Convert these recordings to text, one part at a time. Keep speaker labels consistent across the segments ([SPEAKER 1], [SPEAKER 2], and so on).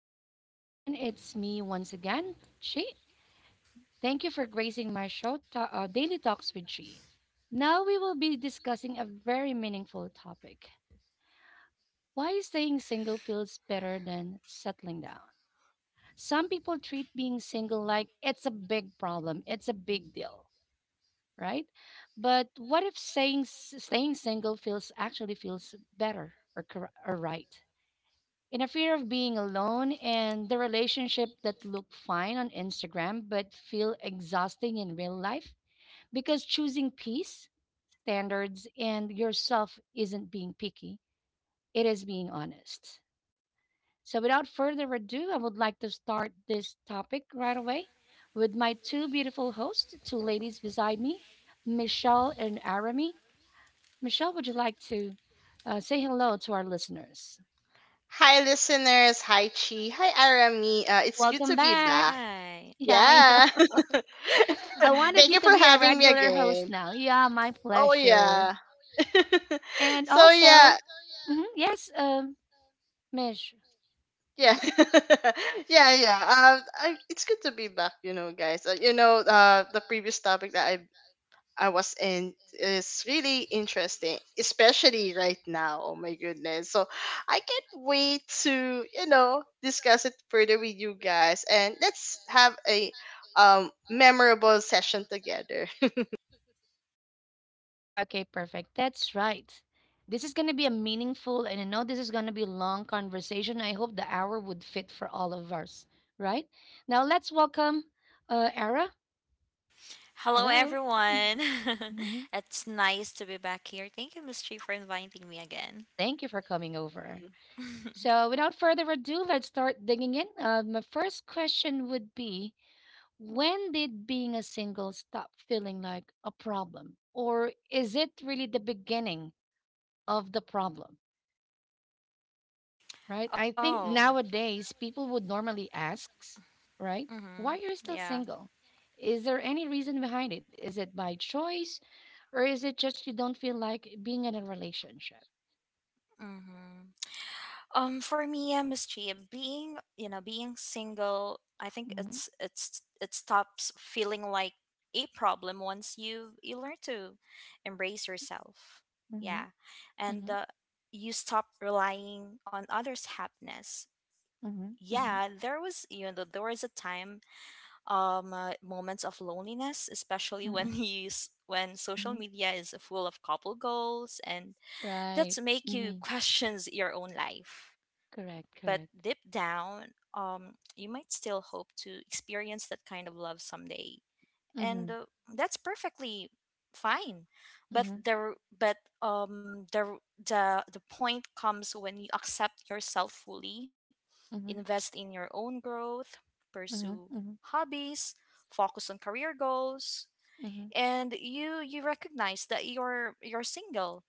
[SPEAKER 1] morning, everyone. It's me once again, Chi. Thank you for gracing my show, Daily Talks with Chi. Now we will be discussing a very meaningful topic. Why staying single feels better than settling down? Some people treat being single like it's a big problem, it's a big deal, right? But what if staying single feels actually feels better or right? In a fear of being alone and the relationship that look fine on Instagram but feel exhausting in real life, because choosing peace, standards, and yourself isn't being picky, it is being honest. So, without further ado, I would like to start this topic right away with my two beautiful hosts, two ladies beside me, Michelle and Arami. Michelle, would you like to say hello to our listeners?
[SPEAKER 2] Hi, listeners. Hi, Chi. Hi, Arami. It's good
[SPEAKER 1] Welcome
[SPEAKER 2] to
[SPEAKER 3] Hi,
[SPEAKER 2] be back.
[SPEAKER 1] back.
[SPEAKER 3] Arami.
[SPEAKER 1] Yeah, I
[SPEAKER 2] Yeah.
[SPEAKER 3] It's Hi.
[SPEAKER 1] I wanted
[SPEAKER 2] Thank
[SPEAKER 1] you
[SPEAKER 2] you
[SPEAKER 1] to
[SPEAKER 2] for
[SPEAKER 1] be a
[SPEAKER 2] having me
[SPEAKER 1] regular host
[SPEAKER 2] again.
[SPEAKER 1] now. Yeah, my
[SPEAKER 2] Oh,
[SPEAKER 1] pleasure.
[SPEAKER 2] yeah.
[SPEAKER 1] And
[SPEAKER 2] Yeah.
[SPEAKER 1] also, mhm, yes, Mish.
[SPEAKER 2] Yeah. Yeah. It's good to be back, you know, guys. The previous topic that I was in is really interesting, especially right now. Oh my goodness. So I can't wait to discuss it further with you guys, and let's have a memorable session together.
[SPEAKER 1] Okay, perfect. That's right. This is going to be a meaningful, and I know this is going to be a long conversation. I hope the hour would fit for all of us, right? Now, let's welcome Era.
[SPEAKER 3] Hello,
[SPEAKER 1] Hello.
[SPEAKER 3] everyone.
[SPEAKER 1] Mhm.
[SPEAKER 3] It's nice to be back here. Thank you, Miss Tree, for inviting me again.
[SPEAKER 1] Thank you for coming over. So, without further ado, let's start digging in. My first question would be: when did being a single stop feeling like a problem? Or is it really the beginning of the problem? Right? I think
[SPEAKER 3] Oh,
[SPEAKER 1] nowadays people would normally ask, right?
[SPEAKER 3] mm-hmm.
[SPEAKER 1] Why you're still
[SPEAKER 3] Yeah.
[SPEAKER 1] single? Is there any reason behind it? Is it by choice or is it just you don't feel like being in a relationship?
[SPEAKER 3] Mm-hmm. For me, Miss Chia, being you know being single, I think
[SPEAKER 1] Mhm,
[SPEAKER 3] it stops feeling like a problem once you learn to embrace yourself.
[SPEAKER 1] mhm,
[SPEAKER 3] Yeah, and
[SPEAKER 1] mhm,
[SPEAKER 3] you stop relying on others' happiness.
[SPEAKER 1] mhm, mhm,
[SPEAKER 3] Yeah, there was a time moments of loneliness, especially
[SPEAKER 1] mhm,
[SPEAKER 3] when when social
[SPEAKER 1] mhm.
[SPEAKER 3] media is full of couple goals, and
[SPEAKER 1] Right.
[SPEAKER 3] that's make you
[SPEAKER 1] Mhm.
[SPEAKER 3] questions your own life,
[SPEAKER 1] Correct,
[SPEAKER 3] but deep
[SPEAKER 1] correct.
[SPEAKER 3] down, you might still hope to experience that kind of love someday, and
[SPEAKER 1] Mm-hmm.
[SPEAKER 3] that's perfectly fine. But
[SPEAKER 1] Mm-hmm.
[SPEAKER 3] there, but the point comes when you accept yourself fully,
[SPEAKER 1] Mm-hmm.
[SPEAKER 3] invest in your own growth, pursue
[SPEAKER 1] Mm-hmm.
[SPEAKER 3] hobbies, focus on career goals, and you recognize that you're single,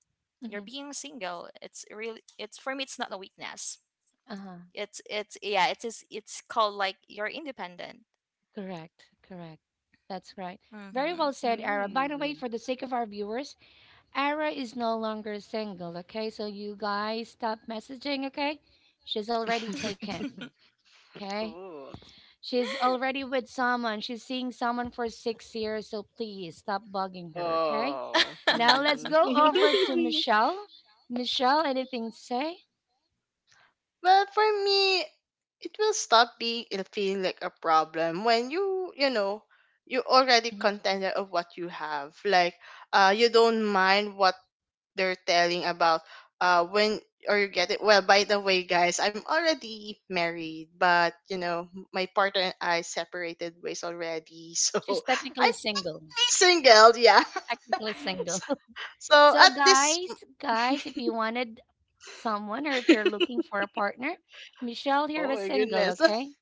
[SPEAKER 3] you're
[SPEAKER 1] Mm-hmm.
[SPEAKER 3] being single, it's really, it's for me, it's not a weakness,
[SPEAKER 1] Uh-huh.
[SPEAKER 3] it's yeah, it is, it's called like you're independent.
[SPEAKER 1] Correct. Correct. That's right. Very well
[SPEAKER 3] Mhm.
[SPEAKER 1] said, Ara. By
[SPEAKER 2] Mm.
[SPEAKER 1] the way, for
[SPEAKER 2] Mm.
[SPEAKER 1] the sake of our viewers, Ara is no longer single, okay? So you guys stop messaging, okay? She's already taken, okay?
[SPEAKER 2] Ooh.
[SPEAKER 1] She's already with someone. She's seeing someone for 6 years, so please stop bugging her, okay?
[SPEAKER 2] Oh.
[SPEAKER 1] Now let's
[SPEAKER 2] Mm.
[SPEAKER 1] go over to Michelle. Michelle, anything to say?
[SPEAKER 2] Well, for me, it will stop being it'll feel like a problem when you know you already
[SPEAKER 1] Mhm.
[SPEAKER 2] contented of what you have. Like you don't mind what they're telling about when or you get it. Well, by the way, guys, I'm already married, but you know, my partner and I separated ways already. So
[SPEAKER 1] She's
[SPEAKER 2] I'm
[SPEAKER 1] technically single.
[SPEAKER 2] pretty single, yeah.
[SPEAKER 1] Technically single.
[SPEAKER 2] so
[SPEAKER 1] So
[SPEAKER 2] at this
[SPEAKER 1] guys, guys, if you wanted someone or if you're looking for a partner, Michelle here
[SPEAKER 2] oh
[SPEAKER 1] is
[SPEAKER 2] my
[SPEAKER 1] single,
[SPEAKER 2] goodness.
[SPEAKER 1] okay?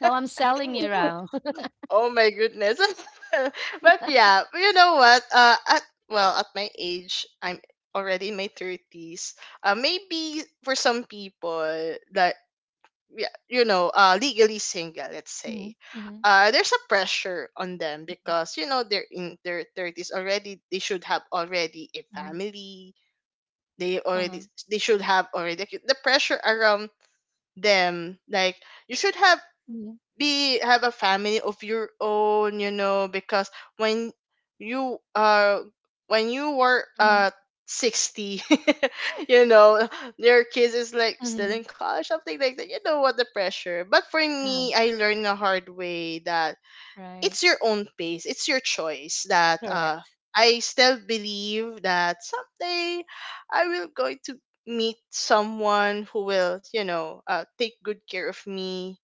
[SPEAKER 1] Now I'm selling you out.
[SPEAKER 2] Oh my goodness. But yeah, you know what? At Well, at my age, I'm already in my thirties. Maybe for some people that, yeah, you know, legally single, let's
[SPEAKER 1] Mhm,
[SPEAKER 2] say.
[SPEAKER 1] mhm,
[SPEAKER 2] There's a pressure on them because you know they're in their thirties already. They should have already a
[SPEAKER 1] mhm,
[SPEAKER 2] family. They
[SPEAKER 1] uh-huh,
[SPEAKER 2] already they should have already the pressure around them. Like you should have
[SPEAKER 1] mhm,
[SPEAKER 2] be have a family of your own, you know, because when you uh when you were
[SPEAKER 1] mhm,
[SPEAKER 2] 60 you know your kids is like still
[SPEAKER 1] mhm,
[SPEAKER 2] in college, something like that, you know what, the pressure. But for
[SPEAKER 1] uh,
[SPEAKER 2] me, I learned the hard way that
[SPEAKER 1] right.
[SPEAKER 2] it's your own pace, it's your choice, that
[SPEAKER 1] Correct.
[SPEAKER 2] I still believe that someday I will going to meet someone who will, you know, take good care of me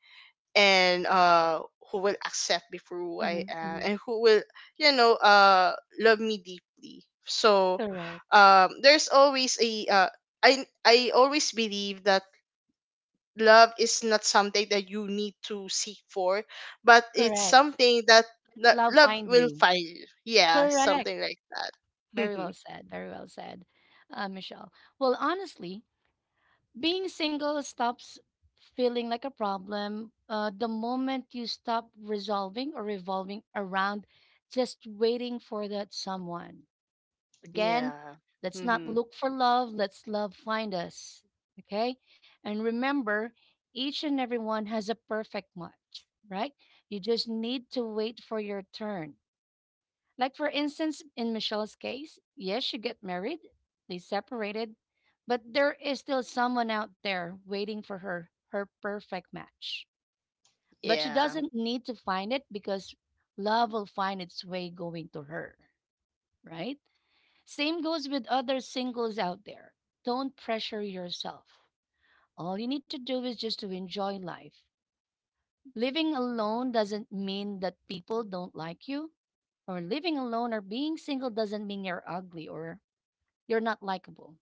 [SPEAKER 2] and who will accept me for who I
[SPEAKER 1] Mhm,
[SPEAKER 2] am
[SPEAKER 1] mhm,
[SPEAKER 2] and who will, you know, love me deeply. So
[SPEAKER 1] correct.
[SPEAKER 2] there's always a I always believe that love is not something that you need to seek for, but it's
[SPEAKER 1] Correct.
[SPEAKER 2] something that
[SPEAKER 1] Love
[SPEAKER 2] love
[SPEAKER 1] find
[SPEAKER 2] will
[SPEAKER 1] you.
[SPEAKER 2] find you, yeah,
[SPEAKER 1] Correct.
[SPEAKER 2] something like that.
[SPEAKER 1] Very well said. Very well said, Michelle. Well, honestly, being single stops feeling like a problem the moment you stop resolving or revolving around just waiting for that someone. Again,
[SPEAKER 2] Yeah.
[SPEAKER 1] let's not
[SPEAKER 2] Hmm.
[SPEAKER 1] look for love, let's love find us. Okay? And remember, each and everyone has a perfect match, right? You just need to wait for your turn. Like, for instance, in Michelle's case, yes, she got married, they separated, but there is still someone out there waiting for her, her perfect match. But she So,
[SPEAKER 2] Yeah.
[SPEAKER 1] doesn't need to find it because love will find its way going to her, right? Same goes with other singles out there. Don't pressure yourself. All you need to do is just to enjoy life. Living alone doesn't mean that people don't like you, or living alone or being single doesn't mean you're ugly or you're not likable,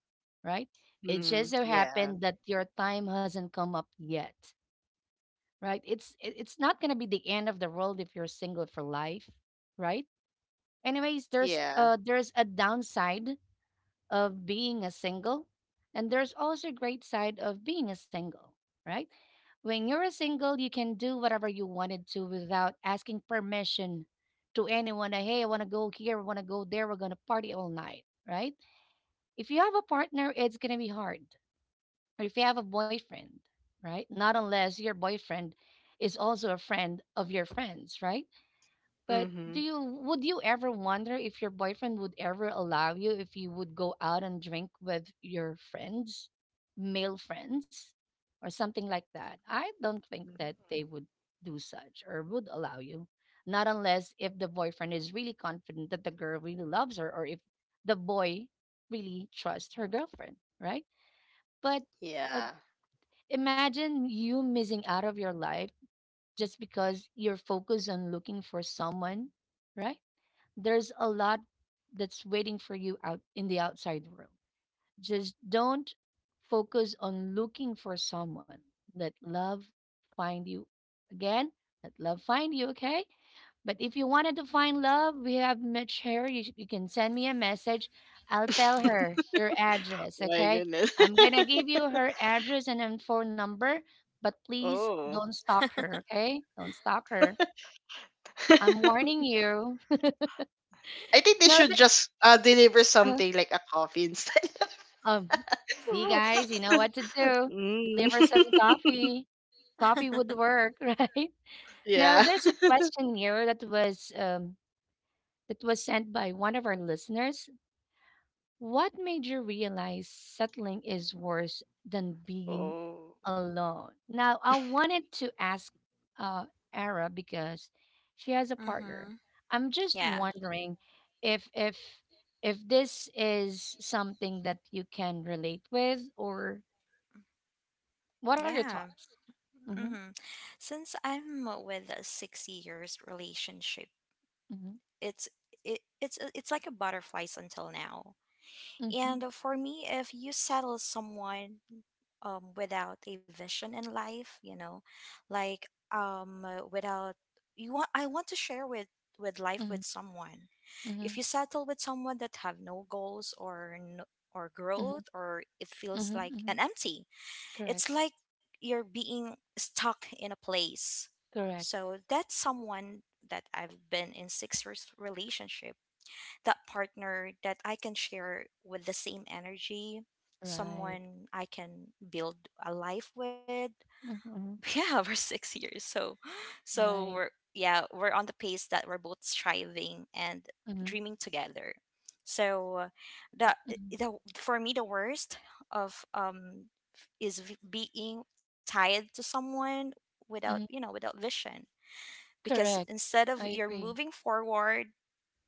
[SPEAKER 1] right? It just
[SPEAKER 2] Hmm.
[SPEAKER 1] so
[SPEAKER 2] Yeah,
[SPEAKER 1] happened that your time hasn't come up yet, right? It's not gonna be the end of the world if you're single for life, right? Anyways, there's
[SPEAKER 2] yeah.
[SPEAKER 1] uh there's a downside of being a single, and there's also a great side of being a single, right? When you're a single, you can do whatever you wanted to without asking permission to anyone. Like, hey, I want to go here, I want to go there. We're gonna party all night, right? If you have a partner, it's going to be hard. Or if you have a boyfriend, right? Not unless your boyfriend is also a friend of your friends, right? But do
[SPEAKER 2] Hmm.
[SPEAKER 1] you would you ever wonder if your boyfriend would ever allow you if you would go out and drink with your friends, male friends, or something like that? I don't think that they would do such or would allow you. Not unless if the boyfriend is really confident that the girl really loves her or if the boy really trusts her girlfriend, right? But uh,
[SPEAKER 2] Yeah.
[SPEAKER 1] imagine you missing out of your life just because you're focused on looking for someone, right? There's a lot that's waiting for you out in the outside world. Just don't focus on looking for someone. Let love find you. Again, let love find you, okay? But if you wanted to find love, we have Mitch here. You can send me a message. I'll tell
[SPEAKER 3] Yeah.
[SPEAKER 1] her your address,
[SPEAKER 2] My
[SPEAKER 1] okay?
[SPEAKER 2] goodness.
[SPEAKER 1] I'm going to give you her address and then phone number, but please
[SPEAKER 2] Oh.
[SPEAKER 1] don't stalk her, okay? Don't stalk her. I'm warning you.
[SPEAKER 2] I think they
[SPEAKER 1] no,
[SPEAKER 2] should just deliver
[SPEAKER 1] th-
[SPEAKER 2] something like a coffee instead.
[SPEAKER 1] Um, See, guys, you know what to do.
[SPEAKER 2] Mm.
[SPEAKER 1] Deliver some coffee. Coffee would work, right? Now,
[SPEAKER 2] Yeah.
[SPEAKER 1] there's a question here that was that was sent by one of our listeners. What made you realize settling is worse than being
[SPEAKER 2] Oh.
[SPEAKER 1] alone? Now, I wanted to ask uh, Ara because she has a partner.
[SPEAKER 3] Mhm.
[SPEAKER 1] I'm just
[SPEAKER 3] Yeah.
[SPEAKER 1] wondering if if if this is something that you can relate with or what are your
[SPEAKER 3] Yeah.
[SPEAKER 1] thoughts? Mm-hmm,
[SPEAKER 3] Mm-hmm. Since I'm with a 6 years relationship,
[SPEAKER 1] mm-hmm,
[SPEAKER 3] it's it, it's like a butterflies until now.
[SPEAKER 1] mm-hmm,
[SPEAKER 3] And for me, if you settle someone without a vision in life, you know, like without I want to share with life
[SPEAKER 1] mm-hmm,
[SPEAKER 3] with someone.
[SPEAKER 1] mm-hmm,
[SPEAKER 3] If you settle with someone that have no goals or no, or
[SPEAKER 1] mm-hmm,
[SPEAKER 3] growth, or it feels
[SPEAKER 1] mm-hmm,
[SPEAKER 3] like an
[SPEAKER 1] mm-hmm.
[SPEAKER 3] empty, it's
[SPEAKER 1] Correct,
[SPEAKER 3] like you're being stuck in a place.
[SPEAKER 1] correct,
[SPEAKER 3] So that's someone that I've been in 6 years relationship, that partner that I can share with the same energy,
[SPEAKER 1] right,
[SPEAKER 3] someone I can build a life with.
[SPEAKER 1] mm-hmm,
[SPEAKER 3] Yeah, we 6 years, so we're
[SPEAKER 1] right,
[SPEAKER 3] yeah we're on the pace that we're both striving and
[SPEAKER 1] mm-hmm,
[SPEAKER 3] dreaming together. So the
[SPEAKER 1] mm-hmm,
[SPEAKER 3] the for me the worst of is being tied to someone without you
[SPEAKER 1] mm-hmm.
[SPEAKER 3] know without vision, because
[SPEAKER 1] Correct.
[SPEAKER 3] instead of
[SPEAKER 1] I
[SPEAKER 3] you're
[SPEAKER 1] agree.
[SPEAKER 3] moving forward,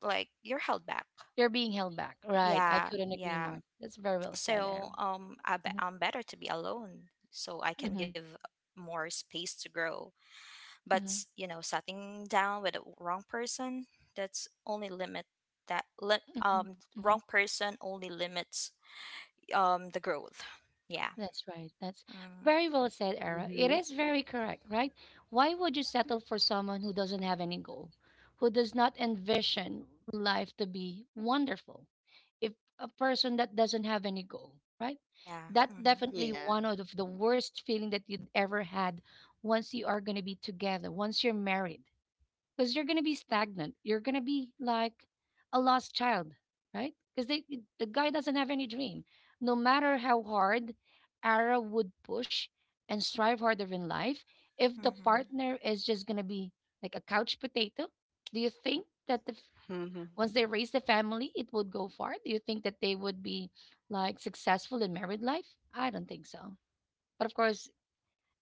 [SPEAKER 3] like you're held back,
[SPEAKER 1] You're being held back. Right. I
[SPEAKER 3] yeah,
[SPEAKER 1] couldn't agree
[SPEAKER 3] yeah.
[SPEAKER 1] more. That's very well said,
[SPEAKER 3] So
[SPEAKER 1] Era. Mm-hmm,
[SPEAKER 3] I'm better to be alone, so I can
[SPEAKER 1] mm-hmm,
[SPEAKER 3] give more space to grow. But
[SPEAKER 1] mm-hmm,
[SPEAKER 3] sitting down with the wrong person, that's only limit,
[SPEAKER 1] mm-hmm,
[SPEAKER 3] wrong
[SPEAKER 1] mm-hmm.
[SPEAKER 3] person only limits the growth. Yeah.
[SPEAKER 1] That's right. That's
[SPEAKER 3] Mm,
[SPEAKER 1] very well said, Era.
[SPEAKER 2] Mm-hmm.
[SPEAKER 1] It is very correct, right? Why would you settle for someone who doesn't have any goal, who does not envision life to be wonderful? If a person that doesn't have any goal, right?
[SPEAKER 3] yeah.
[SPEAKER 1] That
[SPEAKER 3] Mm-hmm.
[SPEAKER 1] definitely
[SPEAKER 2] Yeah.
[SPEAKER 1] one of the worst feeling that you'd ever had once you are going to be together, once you're married, because you're going to be stagnant. You're going to be like a lost child, right? Because the guy doesn't have any dream. No matter how hard Ara would push and strive harder in life, if the
[SPEAKER 3] Mm-hmm.
[SPEAKER 1] partner is just going to be like a couch potato, do you think that the
[SPEAKER 2] Mm-hmm.
[SPEAKER 1] once they raise the family, it would go far. Do you think that they would be like successful in married life? I don't think so. But of course,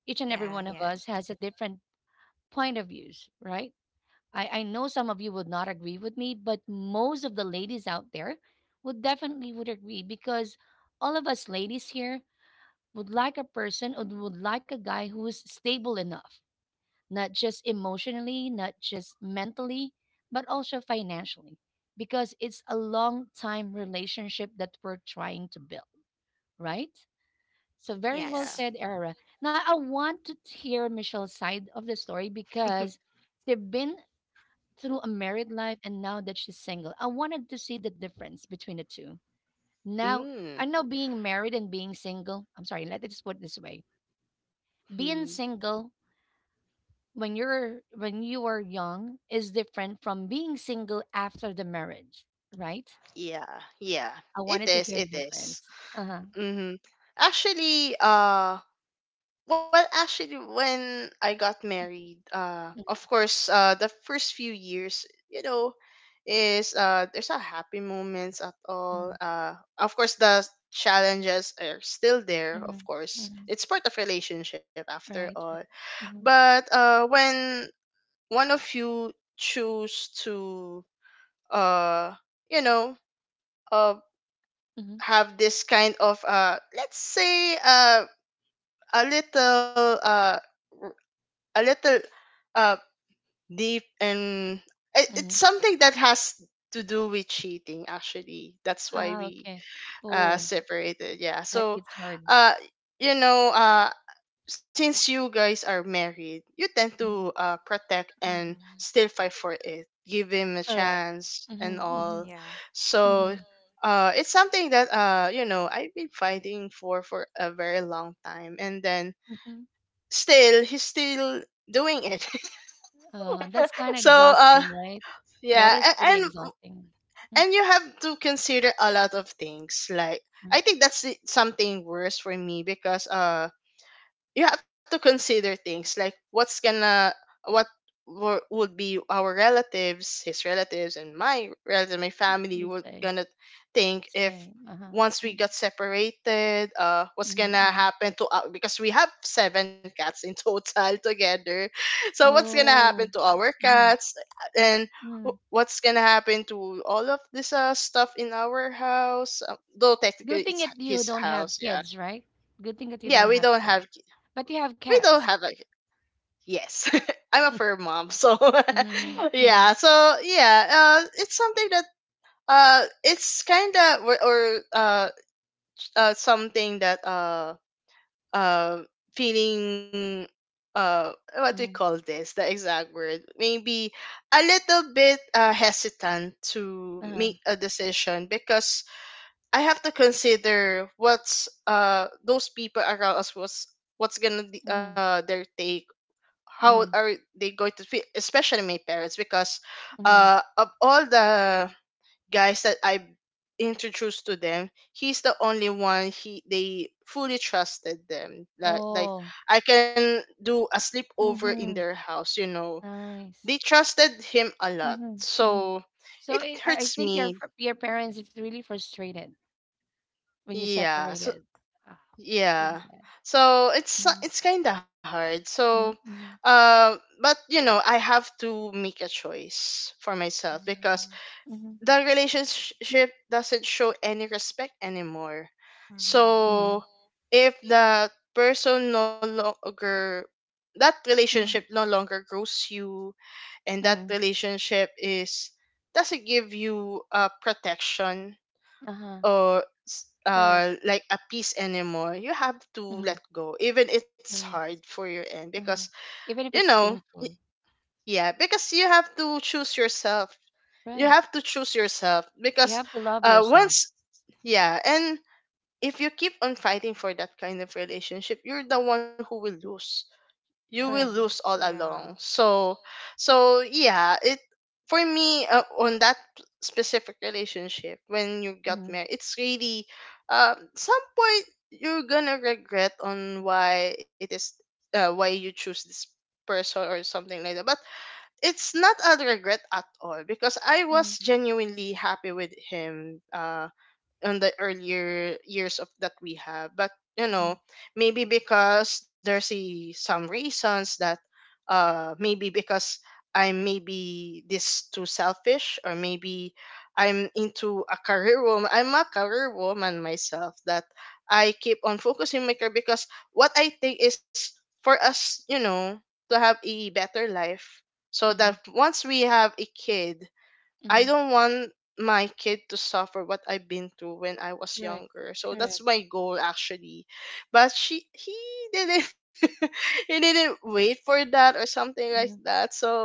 [SPEAKER 1] each and every
[SPEAKER 3] Yeah.
[SPEAKER 1] one of us has a different point of views, right? I know some of you would not agree with me, but most of the ladies out there would definitely would agree because all of us ladies here would like a person or would like a guy who is stable enough, not just emotionally, not just mentally, but also financially, because it's a long time relationship that we're trying to build, right? So, very well
[SPEAKER 2] Yeah.
[SPEAKER 3] Yes.
[SPEAKER 1] said, Era. Now, I want to hear Michelle's side of the story because they've been through a married life and now that she's single. I wanted to see the difference between the two. Now,
[SPEAKER 2] Mm-hmm.
[SPEAKER 1] I know being married and being single, I'm sorry, let me just put it this way: being single when you're when you are young is different from being single after the marriage, right?
[SPEAKER 2] Yeah. Yeah.
[SPEAKER 1] I
[SPEAKER 2] It
[SPEAKER 1] wanted to
[SPEAKER 2] is.
[SPEAKER 1] hear the
[SPEAKER 2] It is.
[SPEAKER 1] difference. Uh huh.
[SPEAKER 2] Mm-hmm. Actually, uh, Well, actually, when I got married, of course, the first few years, you know, is there's not happy moments at all.
[SPEAKER 1] Mm-hmm.
[SPEAKER 2] Of course, the challenges are still there.
[SPEAKER 1] Mm-hmm.
[SPEAKER 2] Of course,
[SPEAKER 1] Hmm.
[SPEAKER 2] it's part of relationship after
[SPEAKER 1] Right. Right.
[SPEAKER 2] all.
[SPEAKER 1] Mm-hmm.
[SPEAKER 2] But when one of you choose to, uh, you know, uh,
[SPEAKER 1] Mm-hmm.
[SPEAKER 2] have this kind of let's say a little a little uh deep, and it,
[SPEAKER 1] Mm-hmm.
[SPEAKER 2] it's something that has to do with cheating, actually, that's why
[SPEAKER 1] Ah.
[SPEAKER 2] we
[SPEAKER 1] Okay. Oh,
[SPEAKER 2] separated, yeah.
[SPEAKER 1] that
[SPEAKER 2] So
[SPEAKER 1] hits hard.
[SPEAKER 2] uh you know, since you guys are married, you tend to
[SPEAKER 1] Mhm.
[SPEAKER 2] protect and
[SPEAKER 3] Mm-hmm.
[SPEAKER 2] still fight for it, give him a
[SPEAKER 1] Correct.
[SPEAKER 2] chance and
[SPEAKER 1] Mm-hmm. Mm-hmm.
[SPEAKER 2] all.
[SPEAKER 3] Yeah.
[SPEAKER 1] Mm-hmm.
[SPEAKER 2] So it's something that you know I've been fighting for a very long time, and then
[SPEAKER 1] Mm-hmm.
[SPEAKER 2] still he's still doing it.
[SPEAKER 1] That's kind of
[SPEAKER 2] So
[SPEAKER 1] exhausting, right? That
[SPEAKER 2] yeah,
[SPEAKER 1] is pretty
[SPEAKER 2] and,
[SPEAKER 1] exhausting.
[SPEAKER 2] and you have to consider a lot of things, like,
[SPEAKER 1] Mm-hmm.
[SPEAKER 2] I think that's something worse for me, because you have to consider things like what's gonna what wo- would be our relatives, his relatives, and my relatives, my
[SPEAKER 1] I
[SPEAKER 2] family
[SPEAKER 1] would
[SPEAKER 2] would
[SPEAKER 1] say.
[SPEAKER 2] gonna think if
[SPEAKER 1] Say. Uh huh.
[SPEAKER 2] once we
[SPEAKER 1] Mm-hmm.
[SPEAKER 2] got separated. What's gonna
[SPEAKER 1] Mm-hmm.
[SPEAKER 2] happen to our, because we have seven cats in total together. So what's gonna happen to
[SPEAKER 1] Oh.
[SPEAKER 2] our
[SPEAKER 1] Mm-hmm.
[SPEAKER 2] cats, and
[SPEAKER 1] Mm.
[SPEAKER 2] what's gonna happen to all of this stuff in our house? Um, though
[SPEAKER 1] Good
[SPEAKER 2] technically
[SPEAKER 1] thing
[SPEAKER 2] it's
[SPEAKER 1] that you
[SPEAKER 2] his
[SPEAKER 1] don't have
[SPEAKER 2] house, yeah.
[SPEAKER 1] kids, right? Good thing that you
[SPEAKER 2] Yeah,
[SPEAKER 1] don't have kids, but you have
[SPEAKER 2] we don't have
[SPEAKER 1] cats.
[SPEAKER 2] a- Yes. I'm a firm mom. So
[SPEAKER 1] Mm-hmm,
[SPEAKER 2] yeah,
[SPEAKER 1] mm-hmm,
[SPEAKER 2] so yeah, it's something that it's kind of, or something that uh feeling, what we
[SPEAKER 1] mm-hmm,
[SPEAKER 2] call this, the exact word maybe, a little bit hesitant to
[SPEAKER 1] uh-huh,
[SPEAKER 2] make a decision, because I have to consider what's those people around us was, what's gonna be,
[SPEAKER 1] mm-hmm,
[SPEAKER 2] their take, how
[SPEAKER 1] mm-hmm,
[SPEAKER 2] are they going to feel, especially my parents, because
[SPEAKER 1] mm-hmm.
[SPEAKER 2] of all the guys that I introduced to them, he's the only one he they fully trusted them, like
[SPEAKER 1] Oh,
[SPEAKER 2] I can do a sleepover in
[SPEAKER 1] mm-hmm,
[SPEAKER 2] their house, you know, they
[SPEAKER 1] nice.
[SPEAKER 2] trusted him a lot.
[SPEAKER 1] Mm-hmm, mm-hmm.
[SPEAKER 2] So
[SPEAKER 1] So
[SPEAKER 2] it
[SPEAKER 1] it, I
[SPEAKER 2] hurts
[SPEAKER 1] think
[SPEAKER 2] me,
[SPEAKER 1] your parents is really frustrated when you
[SPEAKER 2] yeah. So
[SPEAKER 1] separated. Ah, it's really
[SPEAKER 2] yeah.
[SPEAKER 1] bad.
[SPEAKER 2] So it's
[SPEAKER 1] Mm-hmm,
[SPEAKER 2] it's kind of hard.
[SPEAKER 1] mm-hmm,
[SPEAKER 2] So
[SPEAKER 1] mm-hmm,
[SPEAKER 2] but you know, I have to make a choice for myself, because
[SPEAKER 3] Mm-hmm.
[SPEAKER 2] the relationship doesn't show any respect anymore.
[SPEAKER 1] mm-hmm,
[SPEAKER 2] So
[SPEAKER 3] Mm-hmm.
[SPEAKER 2] if the person no longer that
[SPEAKER 1] mm-hmm,
[SPEAKER 2] relationship no longer grows you, and that
[SPEAKER 1] mm-hmm,
[SPEAKER 2] relationship is doesn't give you protection
[SPEAKER 1] uh-huh,
[SPEAKER 2] or
[SPEAKER 1] correct.
[SPEAKER 2] like a piece anymore, you have to
[SPEAKER 1] Mm-hmm,
[SPEAKER 2] let go, even it's hard
[SPEAKER 1] correct.
[SPEAKER 2] for your end, because
[SPEAKER 1] Uh-huh. Even
[SPEAKER 2] you
[SPEAKER 1] if it's
[SPEAKER 2] know y-
[SPEAKER 1] painful,
[SPEAKER 2] yeah, because you have to choose yourself. You
[SPEAKER 1] right?
[SPEAKER 2] have to choose yourself
[SPEAKER 1] You
[SPEAKER 2] because
[SPEAKER 1] have to love yourself.
[SPEAKER 2] once, yeah, and if you keep on fighting for that kind of relationship, you're the one who will lose, you will
[SPEAKER 3] Yeah.
[SPEAKER 2] lose
[SPEAKER 1] Correct.
[SPEAKER 2] all along.
[SPEAKER 3] Yeah.
[SPEAKER 2] So so yeah, it, for me, on that specific relationship, when you got
[SPEAKER 1] Mm-hmm.
[SPEAKER 2] married, it's really some point you're gonna regret on why it is, why you choose this person or something like that. But it's not a regret at all because I
[SPEAKER 1] Mm-hmm.
[SPEAKER 2] was genuinely happy with him. On the earlier years of that we have. But you
[SPEAKER 1] Mm-hmm.
[SPEAKER 2] know, maybe because there's a, some reasons that maybe because I'm maybe this too selfish, or maybe I'm into a career woman, I'm a career woman myself, that I keep on focusing my career, because what I think is, for us, you know, to have a better life, so that
[SPEAKER 1] Mm-hmm.
[SPEAKER 2] once we have a kid, I
[SPEAKER 1] Mm-hmm.
[SPEAKER 2] don't want my kid to suffer what I've been through when I was
[SPEAKER 1] Correct.
[SPEAKER 2] younger. So that's
[SPEAKER 1] Correct.
[SPEAKER 2] my goal, actually. But she he didn't he didn't wait for that or something like
[SPEAKER 1] Mm-hmm.
[SPEAKER 2] that. So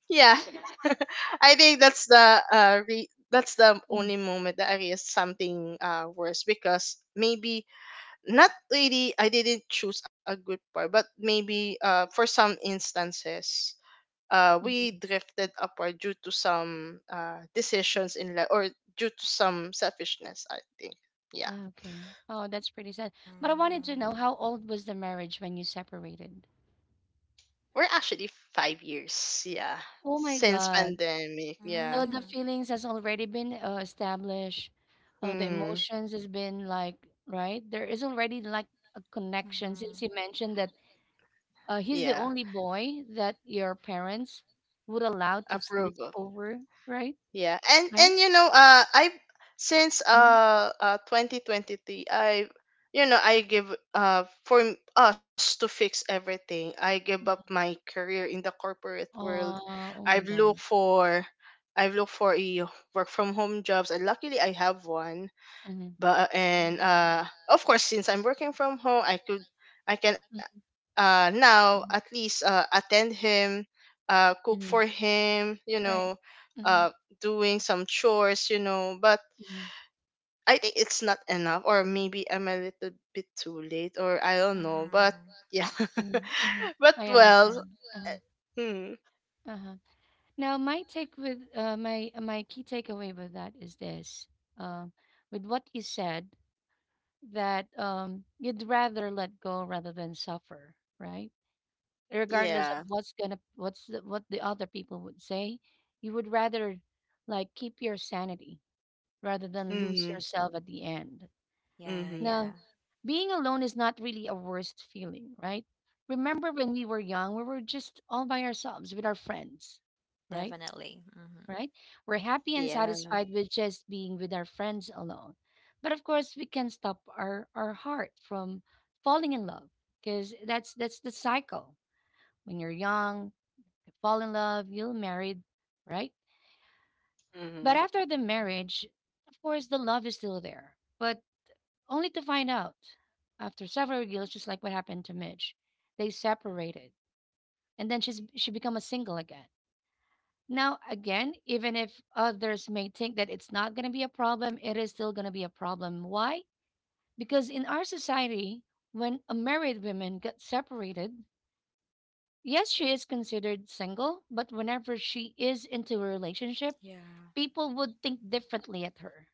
[SPEAKER 2] yeah. I think that's the that's the
[SPEAKER 1] Mm-hmm.
[SPEAKER 2] only moment that I realized something worse, because maybe, not really, I didn't choose a good part, but maybe for some instances we
[SPEAKER 1] Mm-hmm.
[SPEAKER 2] drifted upward due to some decisions in life or due to some selfishness, I think. Yeah.
[SPEAKER 1] Okay. Oh, that's pretty sad. But I wanted to know
[SPEAKER 3] Mm-hmm.
[SPEAKER 1] how old was the marriage when you separated?
[SPEAKER 2] We're actually 5 years. Yeah,
[SPEAKER 1] Oh my
[SPEAKER 2] since
[SPEAKER 1] God.
[SPEAKER 2] pandemic. Yeah.
[SPEAKER 1] So
[SPEAKER 3] Mm-hmm.
[SPEAKER 1] the
[SPEAKER 3] Mm.
[SPEAKER 1] feelings has already been established. The
[SPEAKER 2] Hmm.
[SPEAKER 1] emotions has been like, right? There is already like a connection since
[SPEAKER 3] Mm-hmm.
[SPEAKER 1] you mentioned that he's
[SPEAKER 2] Yeah.
[SPEAKER 1] the only boy that your parents would allow to sleep
[SPEAKER 2] Approve.
[SPEAKER 1] over, right?
[SPEAKER 2] Yeah, and
[SPEAKER 1] Right?
[SPEAKER 2] you know, I since
[SPEAKER 1] Mm-hmm.
[SPEAKER 2] 2023, I give for us to fix everything. I give up my career in the corporate world.
[SPEAKER 1] Oh oh my
[SPEAKER 2] I've looked
[SPEAKER 1] god.
[SPEAKER 2] for I've looked for a work from home jobs, and luckily I have one.
[SPEAKER 1] Mhm,
[SPEAKER 2] But and
[SPEAKER 3] Mm.
[SPEAKER 2] of course, since I'm working from home, I can
[SPEAKER 1] mm,
[SPEAKER 2] now at
[SPEAKER 1] mhm,
[SPEAKER 2] least attend him, cook for
[SPEAKER 1] mhm,
[SPEAKER 2] him, you
[SPEAKER 1] right.
[SPEAKER 2] know,
[SPEAKER 1] Mhm,
[SPEAKER 2] uh, doing some chores, you know. But
[SPEAKER 1] mhm,
[SPEAKER 2] I think it's not enough, or maybe I'm a little bit too late, or I don't know.
[SPEAKER 3] Mm-hmm.
[SPEAKER 2] But yeah,
[SPEAKER 1] mhm, mhm.
[SPEAKER 2] but
[SPEAKER 1] I
[SPEAKER 2] well,
[SPEAKER 1] understand.
[SPEAKER 2] uh,
[SPEAKER 1] Uh-huh,
[SPEAKER 2] hmm,
[SPEAKER 1] uh-huh. Now, my take with uh, my key takeaway with that is this: um, with what you said, that you'd rather let go rather than suffer, right? Regardless of
[SPEAKER 2] yeah,
[SPEAKER 1] what the other people would say, you would rather like keep your sanity rather than lose
[SPEAKER 2] mm-hmm,
[SPEAKER 1] yourself at the end.
[SPEAKER 3] Yeah, yeah.
[SPEAKER 2] mm-hmm,
[SPEAKER 1] Now, being alone is not really a worst feeling, right? Remember when we were young, we were just all by ourselves with our friends, right?
[SPEAKER 3] Definitely. Mm-hmm.
[SPEAKER 1] Right? We're happy and satisfied
[SPEAKER 2] yeah,
[SPEAKER 1] with just being with our friends alone. But of course, we can stop our heart from falling in love because that's the cycle. When you're young, you fall in love, you're married, right? But
[SPEAKER 2] mm-hmm,
[SPEAKER 1] after the marriage, of course, the love is still there. But only to find out after several years, just like what happened to Midge, they separated, and then she become a single again. Now again, even if others may think that it's not gonna be a problem, it is still gonna be a problem. Why? Because in our society, when a married woman gets separated, yes, she is considered single, but whenever she is into a relationship,
[SPEAKER 3] Yeah.
[SPEAKER 1] people would think differently at her,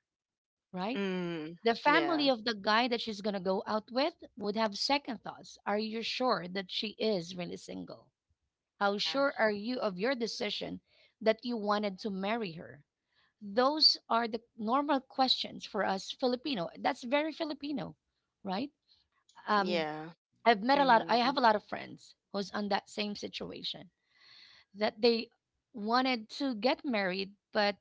[SPEAKER 1] right? The
[SPEAKER 2] mm,
[SPEAKER 1] family of
[SPEAKER 2] yeah,
[SPEAKER 1] the guy that she's going to go out with would have second thoughts. Are you sure that she is really single? How
[SPEAKER 3] Yeah.
[SPEAKER 1] sure are you of your decision that you wanted to marry her? Those are the normal questions for us Filipino. That's very Filipino, right? Um,
[SPEAKER 2] yeah,
[SPEAKER 1] I
[SPEAKER 2] mm-hmm,
[SPEAKER 1] have a lot of friends who's on that same situation that they wanted to get married, but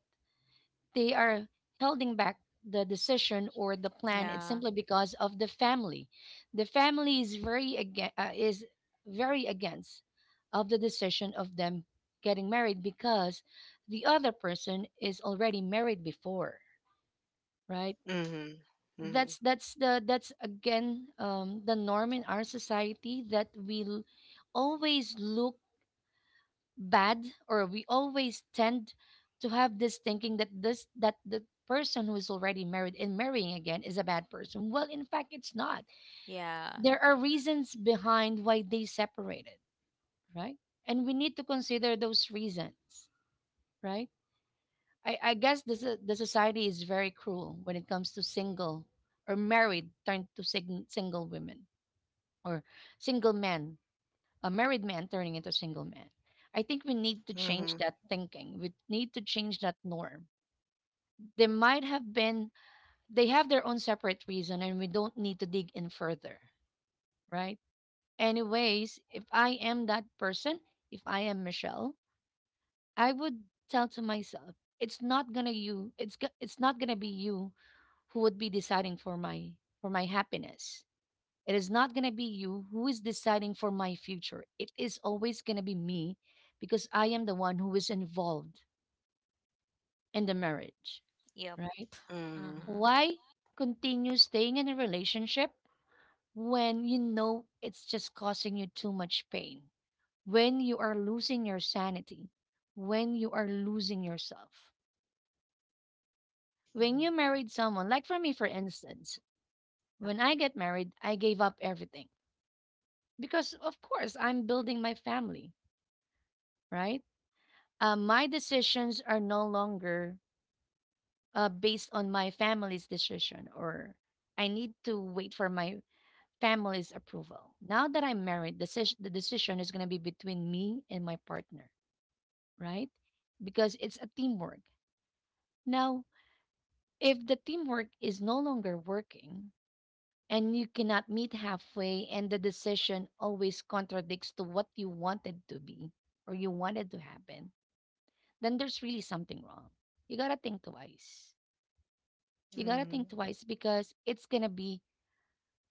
[SPEAKER 1] they are holding back the decision or the plan. It's
[SPEAKER 3] Yeah.
[SPEAKER 1] simply because of the family. The family is very against, very against of the decision of them getting married because the other person is already married before, right?
[SPEAKER 2] mm-hmm,
[SPEAKER 1] That's again, the norm in our society that we always look bad, or we always tend to have this thinking that this that the person who is already married and marrying again is a bad person. Well, in fact, it's not.
[SPEAKER 3] Yeah.
[SPEAKER 1] There are reasons behind why they separated, right? And we need to consider those reasons, right? I guess the society is very cruel when it comes to single or married turned to single women, or single men, a married man turning into a single man. I think we need to
[SPEAKER 2] mm-hmm,
[SPEAKER 1] change
[SPEAKER 2] mm-hmm,
[SPEAKER 1] that thinking. We need to change that norm. They might have been, they have their own separate reason, and we don't need to dig in further, right? Anyways, if I am that person, if I am Michelle, I would tell to myself, it's not gonna be you who would be deciding for my happiness. It is not going to be you who is deciding for my future. It is always going to be me because I am the one who is involved in the marriage,
[SPEAKER 3] Yep.
[SPEAKER 1] right?
[SPEAKER 2] mm-hmm,
[SPEAKER 3] Mm-hmm.
[SPEAKER 1] Why continue staying in a relationship when you know it's just causing you too much pain? When you are losing your sanity, when you are losing yourself. When
[SPEAKER 2] mm-hmm.
[SPEAKER 1] you married someone, like for me, for instance,
[SPEAKER 3] Yeah.
[SPEAKER 1] when I get married, I gave up everything because, of course, I'm building my family, right? My decisions are no longer based on my family's decision, or I need to wait for my family's approval. Now that I'm married, the decision is going to be between me and my partner, right? Because it's a teamwork now. If the teamwork is no longer working, and you cannot meet halfway, and the decision always contradicts to what you wanted to be or you wanted to happen, then there's really something wrong. You got to think twice. You gotta think twice because it's gonna be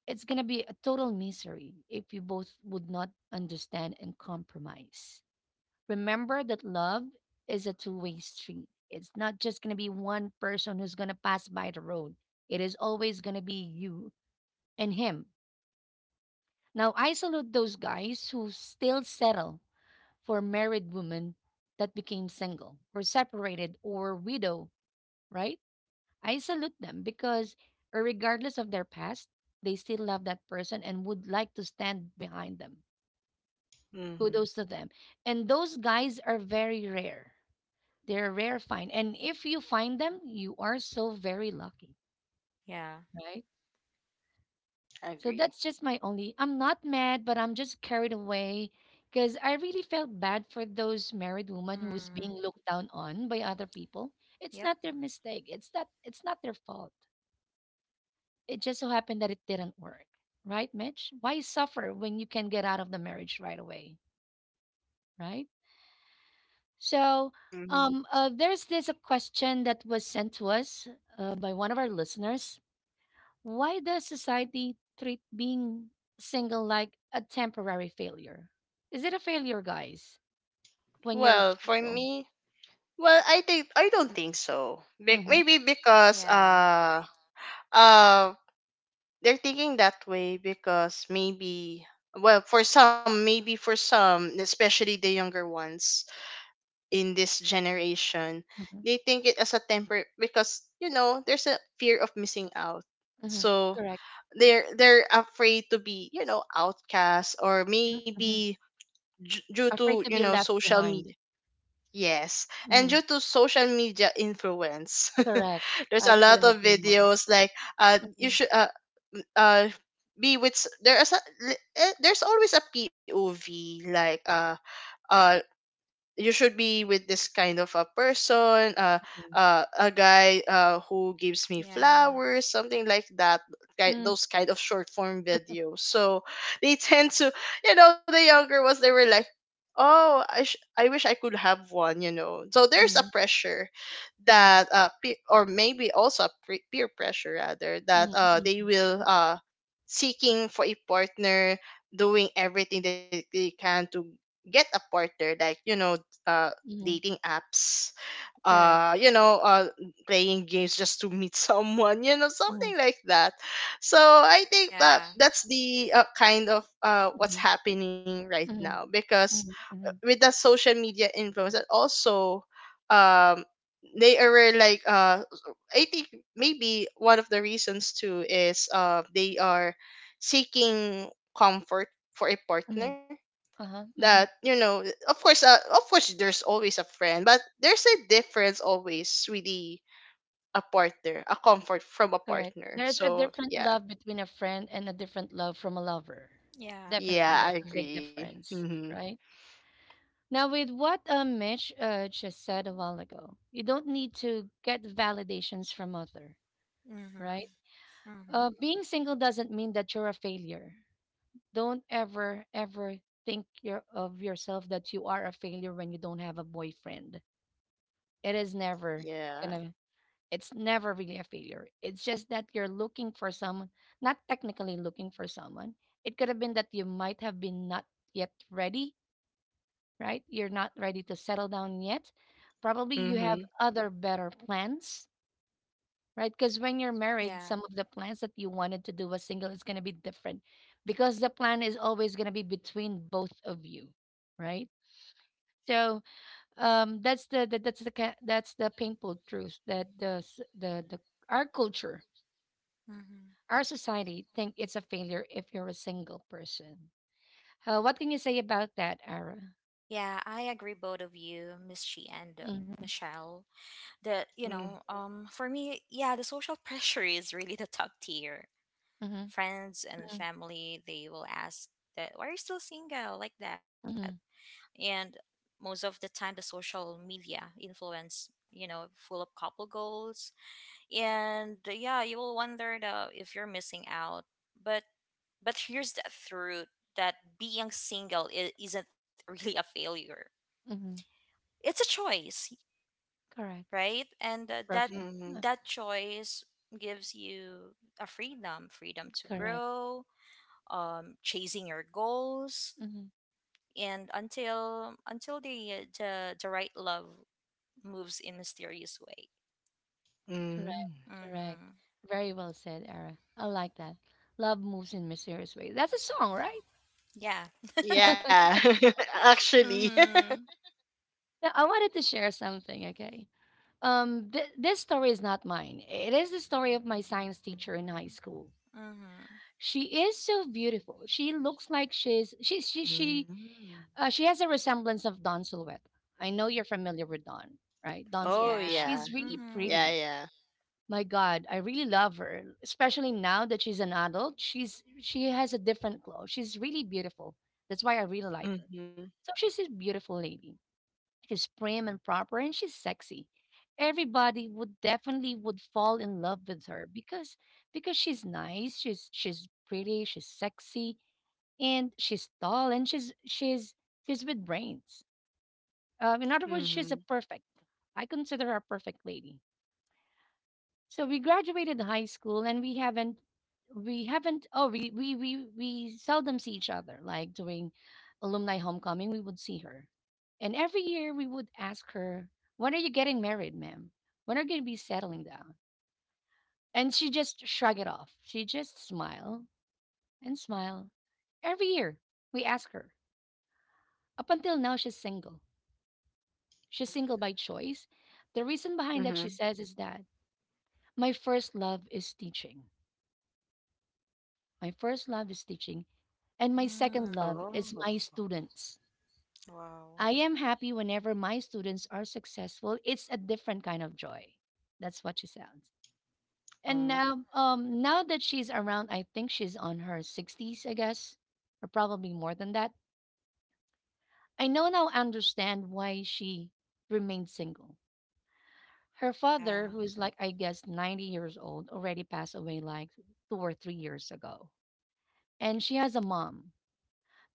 [SPEAKER 1] it's gonna be a total misery if you both would not understand and compromise. Remember that love is a two-way street. It's not just gonna be one person who's gonna pass by the road. It is always gonna be you and him. Now I salute those guys who still settle for married women that became single or separated or widow, right? I salute them because, regardless of their past, they still love that person and would like to stand behind them.
[SPEAKER 2] Mm-hmm.
[SPEAKER 1] Kudos to them. And those guys are very rare. They're a rare find. And if you find them, you are so very lucky, right? So
[SPEAKER 2] Agree.
[SPEAKER 1] that's just my only. I'm not mad, but I'm just carried away because I really felt bad for those married women who's
[SPEAKER 3] Mm-hmm.
[SPEAKER 1] being looked down on by other people. It's
[SPEAKER 3] Yep.
[SPEAKER 1] not their mistake. It's not. It's not their fault. It just so happened that it didn't work, right, Mitch? Why suffer when you can get out of the marriage right away, right? So,
[SPEAKER 2] Mhm.
[SPEAKER 1] there's this a question that was sent to us by one of our listeners. Why does society treat being single like a temporary failure? Is it a failure, guys, when you're
[SPEAKER 2] Well, for
[SPEAKER 1] single?
[SPEAKER 2] me, well, I think I don't think so.
[SPEAKER 1] Mm-hmm,
[SPEAKER 2] Maybe because
[SPEAKER 3] Yeah.
[SPEAKER 2] uh they're thinking that way because maybe, well, for some, maybe for some, especially the younger ones in this generation,
[SPEAKER 1] mm-hmm,
[SPEAKER 2] they think it as a temper because, you know, there's a fear of missing out,
[SPEAKER 1] mm-hmm.
[SPEAKER 2] so
[SPEAKER 1] Correct.
[SPEAKER 2] they're afraid to be, you know, outcast, or
[SPEAKER 1] Mhm,
[SPEAKER 2] maybe
[SPEAKER 1] mhm.
[SPEAKER 2] due to, you
[SPEAKER 1] Afraid to
[SPEAKER 2] know,
[SPEAKER 1] be left
[SPEAKER 2] social media.
[SPEAKER 1] behind.
[SPEAKER 2] Yes, and due
[SPEAKER 1] Mhm,
[SPEAKER 2] to social media influence,
[SPEAKER 1] correct.
[SPEAKER 2] there's
[SPEAKER 1] I
[SPEAKER 2] a lot
[SPEAKER 1] couldn't
[SPEAKER 2] of
[SPEAKER 1] agree more.
[SPEAKER 2] videos like, you
[SPEAKER 1] Mhm,
[SPEAKER 2] should m- uh be with there is a, there's always a POV like, uh you should be with this kind of a person, a guy who gives me
[SPEAKER 3] Yeah.
[SPEAKER 2] flowers, something like that,
[SPEAKER 1] mhm.
[SPEAKER 2] those kind of short form videos. So they tend to, you know, the younger ones they were like, oh, I wish I could have one, you know, so there's a
[SPEAKER 1] Mhm,
[SPEAKER 2] pressure
[SPEAKER 1] mhm,
[SPEAKER 2] that or maybe also a peer pressure rather, that
[SPEAKER 1] mhm,
[SPEAKER 2] they
[SPEAKER 1] mhm,
[SPEAKER 2] will, seeking for a partner, doing everything that they can to get a partner, like, you know, uh,
[SPEAKER 1] mhm,
[SPEAKER 2] dating apps,
[SPEAKER 1] correct.
[SPEAKER 2] uh, you know, uh, playing games just to meet someone, you know,
[SPEAKER 1] Mhm,
[SPEAKER 2] something like that. So I think that
[SPEAKER 3] Yeah.
[SPEAKER 2] that's the kind of what's
[SPEAKER 1] mhm,
[SPEAKER 2] happening right now,
[SPEAKER 1] mhm,
[SPEAKER 2] because
[SPEAKER 1] mhm, mhm,
[SPEAKER 2] with the social media influence, and also um, they are like, I think maybe one of the reasons too is they are seeking comfort for a partner,
[SPEAKER 1] mhm, uh-huh,
[SPEAKER 2] that,
[SPEAKER 1] mhm,
[SPEAKER 2] you know, of course, of course there's always a friend, but there's a difference always with the a partner, a comfort from a
[SPEAKER 1] correct.
[SPEAKER 2] partner,
[SPEAKER 1] There's a
[SPEAKER 2] so
[SPEAKER 1] different
[SPEAKER 2] yeah.
[SPEAKER 1] love between a friend and a different love from a lover.
[SPEAKER 3] Yeah.
[SPEAKER 1] Definitely,
[SPEAKER 2] Yeah, I
[SPEAKER 1] there's a big
[SPEAKER 2] agree.
[SPEAKER 1] difference,
[SPEAKER 2] Mm-hmm.
[SPEAKER 1] right? Now, with what Mitch just said a while ago, you don't need to get validations from other,
[SPEAKER 3] Mm-hmm.
[SPEAKER 1] right?
[SPEAKER 3] Mm-hmm.
[SPEAKER 1] Being single doesn't mean that you're a failure. Don't ever, ever think of yourself that you are a failure when you don't have a boyfriend. It is never
[SPEAKER 2] Yeah.
[SPEAKER 1] gonna it's never really a failure. It's just that you're looking for someone, not technically looking for someone. It could have been that you might have been not yet ready, right? You're not ready to settle down yet. Probably you have
[SPEAKER 2] Mm-hmm.
[SPEAKER 1] other better plans, right? Because when you're married,
[SPEAKER 3] Yeah.
[SPEAKER 1] some of the plans that you wanted to do as single is gonna be different because the plan is always gonna be between both of you, right? So, that's the painful truth, that the s- the our culture
[SPEAKER 3] Mm-hmm.
[SPEAKER 1] our society think it's a failure if you're a single person. What can you say about that, Ara?
[SPEAKER 3] Yeah, I agree both of you, Miss Chi and
[SPEAKER 1] Hmm.
[SPEAKER 3] Michelle. For me, yeah, the social pressure is really the top tier.
[SPEAKER 1] Hmm.
[SPEAKER 3] Friends and family, they will ask that, why are you still single, like that?
[SPEAKER 1] Hmm.
[SPEAKER 3] And most of the time, the social media influence, full of couple goals, and yeah, you will wonder if you're missing out. But but here's the truth, that being single isn't really a failure.
[SPEAKER 1] Hmm.
[SPEAKER 3] It's a choice,
[SPEAKER 1] Correct.
[SPEAKER 3] right? And that
[SPEAKER 1] Perfect. Uh,
[SPEAKER 2] Mm-hmm.
[SPEAKER 3] that choice gives you a freedom to
[SPEAKER 1] Correct.
[SPEAKER 3] grow, chasing your goals,
[SPEAKER 1] Hmm.
[SPEAKER 3] and until the right love moves in mysterious way.
[SPEAKER 2] Mm-hmm.
[SPEAKER 1] Correct. Correct.
[SPEAKER 3] Mm-hmm.
[SPEAKER 1] Very well said, Ara, I like that. Love moves in mysterious ways. That's a song, right?
[SPEAKER 3] Yeah.
[SPEAKER 2] Yeah.
[SPEAKER 1] Okay.
[SPEAKER 2] Actually.
[SPEAKER 3] Mm-hmm.
[SPEAKER 1] Now I wanted to share something. Okay. This story is not mine. It is the story of my science teacher in high school.
[SPEAKER 3] Mm-hmm.
[SPEAKER 1] She is so beautiful. She looks like she's
[SPEAKER 2] Mm.
[SPEAKER 1] she has a resemblance of Don Silhouette. I know you're familiar with Don, right? Don
[SPEAKER 2] Oh,
[SPEAKER 1] Silhouette.
[SPEAKER 3] Yeah.
[SPEAKER 2] yeah,
[SPEAKER 1] She's really
[SPEAKER 3] Mm-hmm.
[SPEAKER 2] yeah,
[SPEAKER 1] pretty.
[SPEAKER 2] yeah.
[SPEAKER 1] My God, I really love her, especially now that she's an adult. She has a different glow. She's really beautiful. That's why I really like her.
[SPEAKER 2] Mm-hmm.
[SPEAKER 1] So she's a beautiful lady. She's prim and proper and she's sexy. Everybody would definitely would fall in love with her because she's nice, she's pretty, she's sexy, and she's tall, and she's with brains. In other words, she's a
[SPEAKER 2] Mm-hmm.
[SPEAKER 1] perfect. I consider her a perfect lady. So we graduated high school and we haven't oh we seldom see each other, like during alumni homecoming we would see her. And every year we would ask her, "When are you getting married, ma'am? When are you going to be settling down?" And she just shrug it off. She just smile and smile. Every year we ask her. Up until now she's single. She's single by choice. The reason behind that she
[SPEAKER 2] Mm-hmm.
[SPEAKER 1] says is that my first love is teaching. My first love is teaching. And my second
[SPEAKER 3] Mm.
[SPEAKER 1] love is my
[SPEAKER 2] Oh,
[SPEAKER 1] students.
[SPEAKER 3] Wow.
[SPEAKER 1] I am happy whenever my students are successful. It's a different kind of joy. That's what she sounds. And
[SPEAKER 2] oh.
[SPEAKER 1] now, now that she's around, I think she's on her 60s, I guess, or probably more than that. I know now understand why she remained single. Her
[SPEAKER 3] Yeah.
[SPEAKER 1] father, who is like, I guess, 90 years old, already passed away like 2 or 3 years ago. And she has a mom.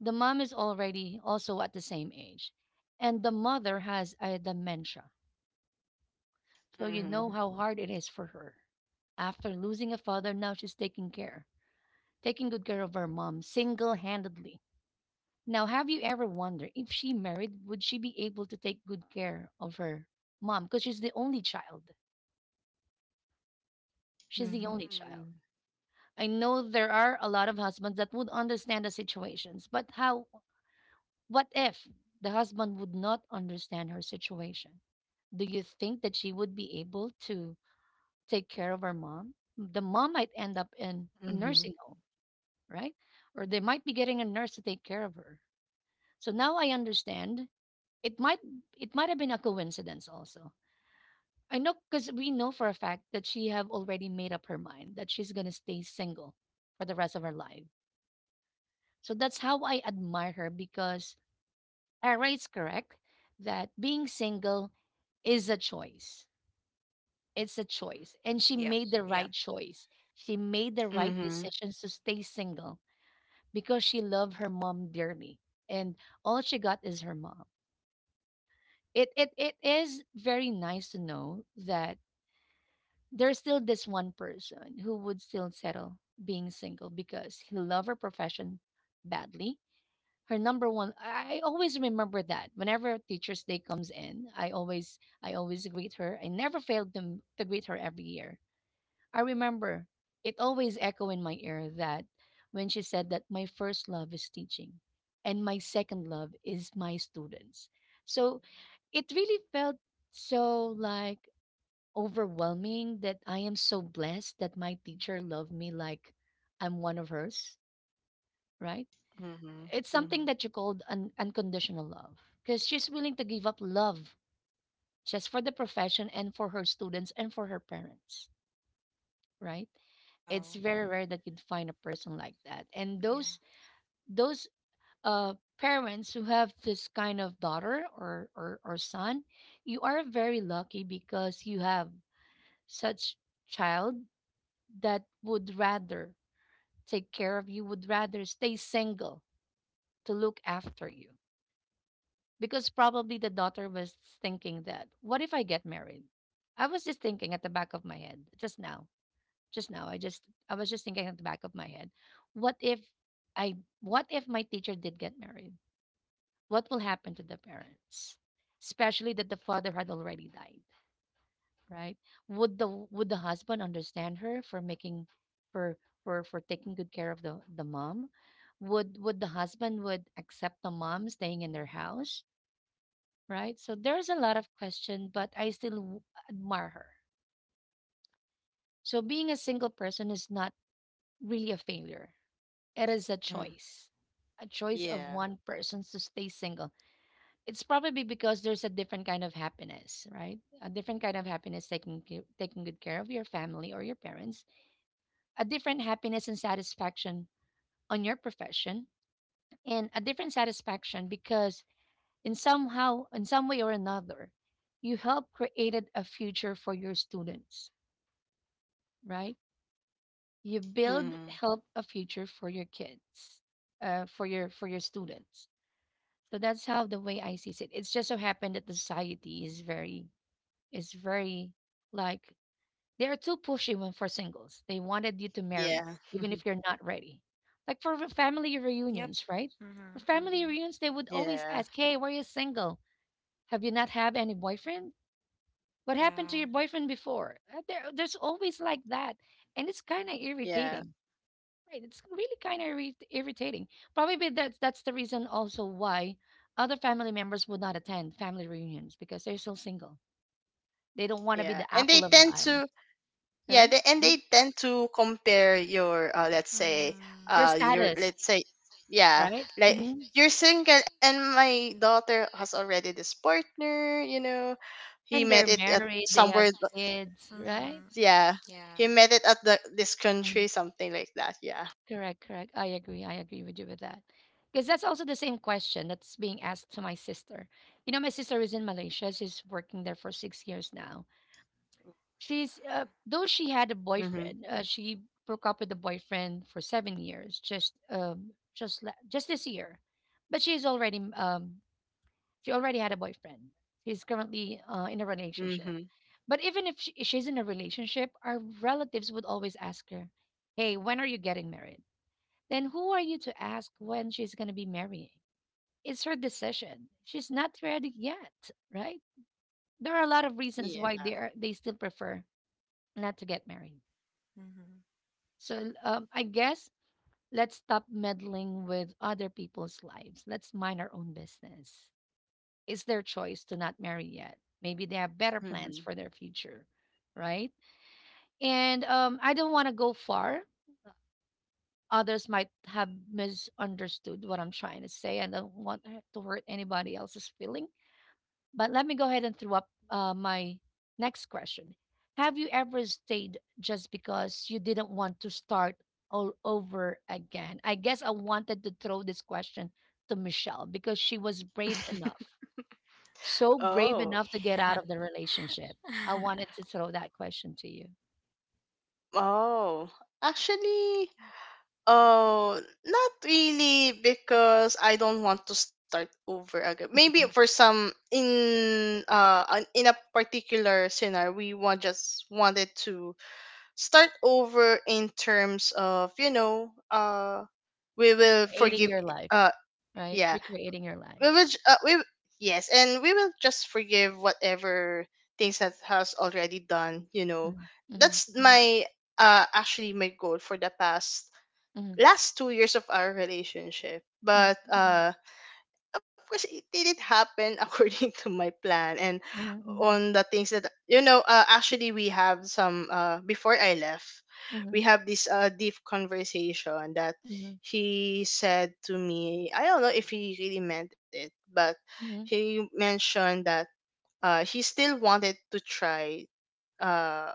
[SPEAKER 1] The mom is already also at the same age, and the mother has a dementia. So you know
[SPEAKER 2] Mm-hmm.
[SPEAKER 1] how hard it is for her. After losing a father, now she's taking good care of her mom single handedly. Now, have you ever wondered if she married, would she be able to take good care of her mom? Because she's the only child. She's the only child.
[SPEAKER 2] Mm-hmm.
[SPEAKER 1] I know there are a lot of husbands that would understand the situations, but how What if the husband would not understand her situation? Do you think that she would be able to take care of her mom? The mom might end up in a
[SPEAKER 2] Mm-hmm.
[SPEAKER 1] nursing home, right? Or they might be getting a nurse to take care of her. So now I understand it might it might have been a coincidence also. I know because we know for a fact that she have already made up her mind that she's gonna stay single for the rest of her life. So that's how I admire her because Ara is correct that being single is a choice. It's a choice. And she
[SPEAKER 3] Yep.
[SPEAKER 1] made the
[SPEAKER 3] Yep.
[SPEAKER 1] right choice. She made the right
[SPEAKER 2] Mm-hmm.
[SPEAKER 1] decisions to stay single because she loved her mom dearly. And all she got is her mom. It is very nice to know that there's still this one person who would still settle being single because he loved her profession badly. Her number one. I always remember that. Whenever Teachers Day comes in, I always greet her. I never failed to greet her every year. I remember it always echo in my ear that when she said that my first love is teaching and my second love is my students. So it really felt so like overwhelming that I am so blessed that my teacher loved me like I'm one of hers, right? It's
[SPEAKER 2] Mhm.
[SPEAKER 1] something that you
[SPEAKER 2] Mhm.
[SPEAKER 1] called unconditional love because she's willing to give up love just for the profession and for her students and for her parents, right? It's
[SPEAKER 3] Wow.
[SPEAKER 1] very rare that you'd find a person like that. And
[SPEAKER 3] Yeah.
[SPEAKER 1] those parents who have this kind of daughter or or son, you are very lucky because you have such child that would rather take care of you, would rather stay single to look after you. Because probably the daughter was thinking that, what if I get married? I was just thinking at the back of my head just now I just I was just thinking at the back of my head, what if I what if my teacher did get married? What will happen to the parents? Especially that the father had already died, right? Would the husband understand her for making for for taking good care of the mom? Would the husband would accept the mom staying in their house, right? So there's a lot of question, but I still admire her. So being a single person is not really a failure. It is
[SPEAKER 2] Mm.
[SPEAKER 1] a choice of one
[SPEAKER 2] Yeah.
[SPEAKER 1] person to stay single. It's probably because there's a different kind of happiness, right? A different kind of happiness taking good care of your family or your parents, a different happiness and satisfaction on your profession, and a different satisfaction because in somehow, in some way or another, you help created a future for your students, right? You build
[SPEAKER 2] Mhm.
[SPEAKER 1] help a future for your kids, for your students. So that's how the way I see it. It's just so happened that the society is very like they are too pushy. When for singles, they wanted you to marry
[SPEAKER 2] Yeah.
[SPEAKER 1] even if you're not ready, like for family
[SPEAKER 3] Yep.
[SPEAKER 1] reunions, right?
[SPEAKER 3] Mm-hmm.
[SPEAKER 1] For family
[SPEAKER 3] Mm-hmm.
[SPEAKER 1] reunions, they would always
[SPEAKER 2] Yeah.
[SPEAKER 1] ask, hey, were you single? Have you not had any boyfriend? What happened to
[SPEAKER 3] Yeah.
[SPEAKER 1] your boyfriend before? There's always like that. And it's kind of
[SPEAKER 2] Yeah.
[SPEAKER 1] irritating. Right, it's really kind of irritating. Probably that's the reason also why other family members would not attend family reunions because they're still single. They don't want to be
[SPEAKER 2] Yeah.
[SPEAKER 1] the
[SPEAKER 2] And they
[SPEAKER 1] apple of the
[SPEAKER 2] tend
[SPEAKER 1] eye,
[SPEAKER 2] to, yeah,
[SPEAKER 1] right?
[SPEAKER 2] they, and
[SPEAKER 1] Mhm.
[SPEAKER 2] they tend to compare your let's say,
[SPEAKER 3] Mm-hmm.
[SPEAKER 1] Your
[SPEAKER 2] your,
[SPEAKER 1] status,
[SPEAKER 2] let's say, yeah,
[SPEAKER 1] right?
[SPEAKER 2] like,
[SPEAKER 1] Hmm.
[SPEAKER 2] you're single and my daughter has already this partner, you know. He
[SPEAKER 1] And
[SPEAKER 2] met
[SPEAKER 1] they're
[SPEAKER 2] it at
[SPEAKER 1] married, they
[SPEAKER 2] somewhere
[SPEAKER 1] have kids,
[SPEAKER 3] Mm-hmm.
[SPEAKER 1] right?
[SPEAKER 2] yeah.
[SPEAKER 3] Yeah.
[SPEAKER 2] He met it at the this
[SPEAKER 1] Mm.
[SPEAKER 2] country, something like that. Yeah.
[SPEAKER 1] Correct, correct. I agree. I agree with you with that. Because that's also the same question that's being asked to my sister. You know, my sister is in Malaysia. She's working there for 6 years now. She's though she had a
[SPEAKER 2] Mhm.
[SPEAKER 1] boyfriend, she broke up with the boyfriend for 7 years, just just this year, but she's already she already had a boyfriend. He's currently in a relationship.
[SPEAKER 2] Mhm.
[SPEAKER 1] But even if she's in a relationship, our relatives would always ask her, "Hey, when are you getting married?" Then who are you to ask when she's going to be marrying? It's her decision. She's not ready yet, right? There are a lot of reasons
[SPEAKER 2] Yeah.
[SPEAKER 1] why they still prefer not to get married.
[SPEAKER 3] Mm-hmm.
[SPEAKER 1] So I guess let's stop meddling with other people's lives. Let's mind our own business. It's their choice to not marry yet. Maybe they have better plans
[SPEAKER 2] Mhm.
[SPEAKER 1] for their future, right? And I don't want to go far. Others might have misunderstood what I'm trying to say. I don't want to hurt anybody else's feeling. But let me go ahead and throw up my next question. Have you ever stayed just because you didn't want to start all over again? I guess I wanted to throw this question to Michelle because she was brave enough, so brave
[SPEAKER 2] Oh.
[SPEAKER 1] enough to get
[SPEAKER 3] Yeah.
[SPEAKER 1] out of the relationship. I wanted to throw that question to you.
[SPEAKER 2] Oh, actually, oh, not really, because I don't want to start over again. Maybe for
[SPEAKER 1] Mhm.
[SPEAKER 2] some in in a particular scenario, we want just wanted to start over in terms of, you know, we will
[SPEAKER 1] Creating your
[SPEAKER 2] forgive,
[SPEAKER 1] life,
[SPEAKER 2] uh
[SPEAKER 1] right?
[SPEAKER 2] yeah,
[SPEAKER 1] Recreating your
[SPEAKER 2] we
[SPEAKER 1] life.
[SPEAKER 2] will. j- Uh, we yes, and we will just forgive whatever things that has already done. You know,
[SPEAKER 1] Mhm, mhm,
[SPEAKER 2] that's
[SPEAKER 1] mhm,
[SPEAKER 2] my, actually, my goal for the past
[SPEAKER 1] mhm,
[SPEAKER 2] last 2 years of our relationship.
[SPEAKER 1] mhm,
[SPEAKER 2] But
[SPEAKER 1] mhm,
[SPEAKER 2] of course, it didn't happen according to my plan, and
[SPEAKER 1] mhm, mhm,
[SPEAKER 2] on the things that, you know. Actually, we have some, before I left,
[SPEAKER 1] mhm,
[SPEAKER 2] we have this, deep conversation that
[SPEAKER 1] mhm,
[SPEAKER 2] he said to me. I don't know if he really meant it, but
[SPEAKER 1] mhm,
[SPEAKER 2] he mentioned that, he still wanted to try, uh,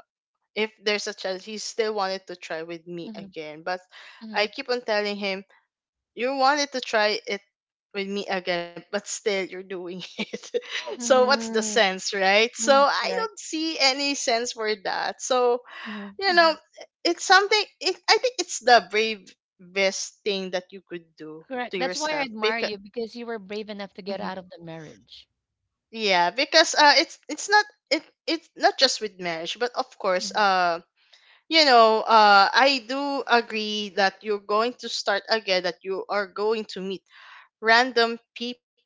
[SPEAKER 2] if there's a chance, he still wanted to try with me
[SPEAKER 1] mhm,
[SPEAKER 2] again. But I
[SPEAKER 1] mhm.
[SPEAKER 2] keep on telling him, you wanted to try it with me again, but still you're doing it. So what's the
[SPEAKER 1] Mhm.
[SPEAKER 2] sense, right? So
[SPEAKER 1] Mm,
[SPEAKER 2] I don't
[SPEAKER 1] correct.
[SPEAKER 2] see any sense for that. So
[SPEAKER 1] Mhm,
[SPEAKER 2] you know,
[SPEAKER 1] mhm.
[SPEAKER 2] it's something. I think it's the bravest thing that you could do to
[SPEAKER 1] Correct. That's why I
[SPEAKER 2] yourself,
[SPEAKER 1] admire
[SPEAKER 2] because
[SPEAKER 1] you because you were brave enough to get out of the marriage.
[SPEAKER 2] yeah, because it's not, it it's not just with marriage, but of course,
[SPEAKER 1] Mm,
[SPEAKER 2] you know, I do agree that you're going to start again, that you are going to meet random people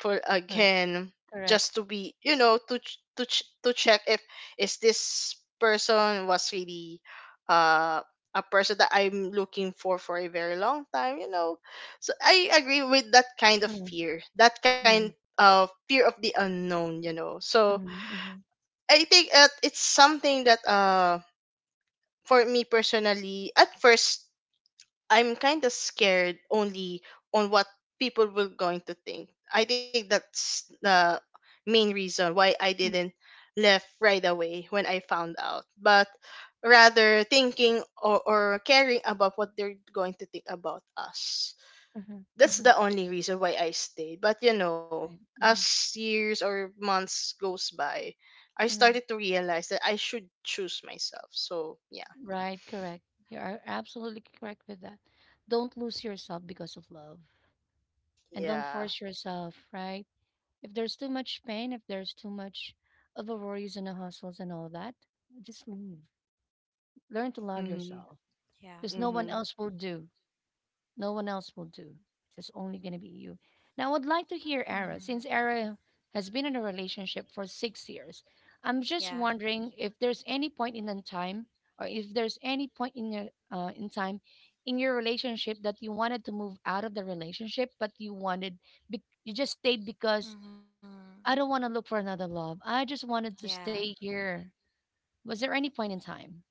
[SPEAKER 1] correct.
[SPEAKER 2] again, just to
[SPEAKER 1] Correct.
[SPEAKER 2] be, you know, to to check if is this person was really, uh a person that I'm looking for a very long time, you know. So I agree with that kind of
[SPEAKER 1] Mm,
[SPEAKER 2] fear, that kind
[SPEAKER 1] mm,
[SPEAKER 2] of fear of the unknown, you know. So
[SPEAKER 1] mhm, mhm,
[SPEAKER 2] I think that it's something that, for me personally, at first, I'm kind of scared only on what people were going to think. I think that's the main reason why I
[SPEAKER 1] mm,
[SPEAKER 2] didn't left right away when I found out, but rather thinking or caring about what they're going to think about us.
[SPEAKER 1] mhm,
[SPEAKER 2] That's the
[SPEAKER 1] mhm.
[SPEAKER 2] only reason why I stayed. But you know,
[SPEAKER 1] Right. Mhm,
[SPEAKER 2] as years or months goes by, I started
[SPEAKER 1] mhm.
[SPEAKER 2] to realize that I should choose myself. So yeah,
[SPEAKER 1] Right. Correct. You are absolutely correct with that. Don't lose yourself because of love, and don't
[SPEAKER 2] yeah.
[SPEAKER 1] force yourself. Right. If there's too much pain, if there's too much of the worries and the hustles and all that, just leave. Learn to love
[SPEAKER 2] Mm-hmm.
[SPEAKER 1] yourself
[SPEAKER 3] Yeah.
[SPEAKER 1] because no one else will do. No one else will do. It's just only going to be you. Now, I would like to hear Ara,
[SPEAKER 3] Mm-hmm.
[SPEAKER 1] since Ara has been in a relationship for 6 years. I'm
[SPEAKER 3] Yeah.
[SPEAKER 1] just wondering if there's any point in the time, or if there's any point in your in time in your relationship that you wanted to move out of the relationship, but you wanted you just stayed because
[SPEAKER 3] Mm-hmm.
[SPEAKER 1] I don't want to look for another love. I just wanted to
[SPEAKER 3] Yeah,
[SPEAKER 1] stay here. Was there any point in time?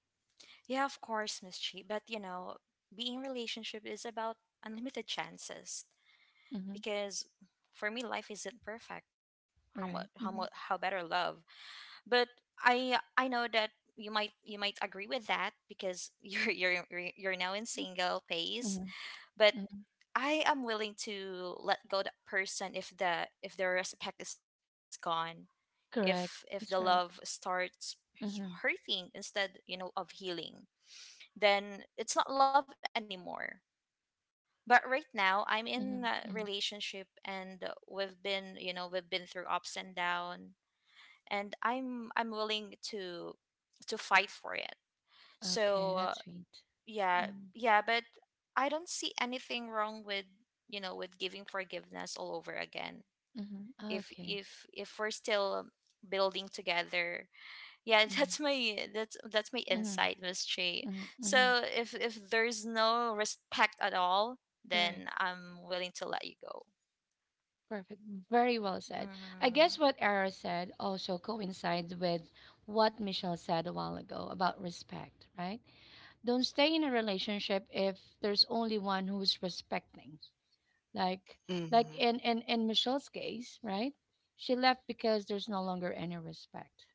[SPEAKER 3] Yeah, of course, Miss Chi. But being relationship is about unlimited chances,
[SPEAKER 1] Mm-hmm.
[SPEAKER 3] because for me life isn't perfect. How much how
[SPEAKER 1] Right.
[SPEAKER 3] much how
[SPEAKER 1] Mm-hmm.
[SPEAKER 3] better love. But I know that you might agree with that, because you're now in single phase.
[SPEAKER 1] Mm-hmm. Mm-hmm,
[SPEAKER 3] But
[SPEAKER 1] mm-hmm.
[SPEAKER 3] I am willing to let go that person if their respect is gone, if
[SPEAKER 1] Correct.
[SPEAKER 3] if the
[SPEAKER 1] That's right.
[SPEAKER 3] love starts
[SPEAKER 1] Mm-hmm.
[SPEAKER 3] hurting instead, of healing, then it's not love anymore. But right now, I'm in
[SPEAKER 1] Mhm,
[SPEAKER 3] a
[SPEAKER 1] mm.
[SPEAKER 3] relationship, and we've been through ups and down, and I'm willing to fight for it. So
[SPEAKER 1] Okay, that's sweet.
[SPEAKER 3] yeah,
[SPEAKER 1] Mm,
[SPEAKER 3] yeah, but I don't see anything wrong with you know with giving forgiveness all over again,
[SPEAKER 1] mhm.
[SPEAKER 3] if
[SPEAKER 1] Okay.
[SPEAKER 3] if if we're still building together, yeah.
[SPEAKER 1] Mm,
[SPEAKER 3] That's my
[SPEAKER 1] mhm,
[SPEAKER 3] insight, Miss Che.
[SPEAKER 1] mhm, mhm.
[SPEAKER 3] So, if there's no respect at all,
[SPEAKER 1] Correct.
[SPEAKER 3] then I'm willing to let you go.
[SPEAKER 1] Perfect. Very well said. I guess
[SPEAKER 3] Mm-hmm.
[SPEAKER 1] what Ara said also coincides with what Michelle said a while ago about respect, right? Don't stay in a relationship if there's only one who's respecting. Like like
[SPEAKER 2] Mm-hmm.
[SPEAKER 1] in in in Michelle's case, right? She left because there's no longer any respect.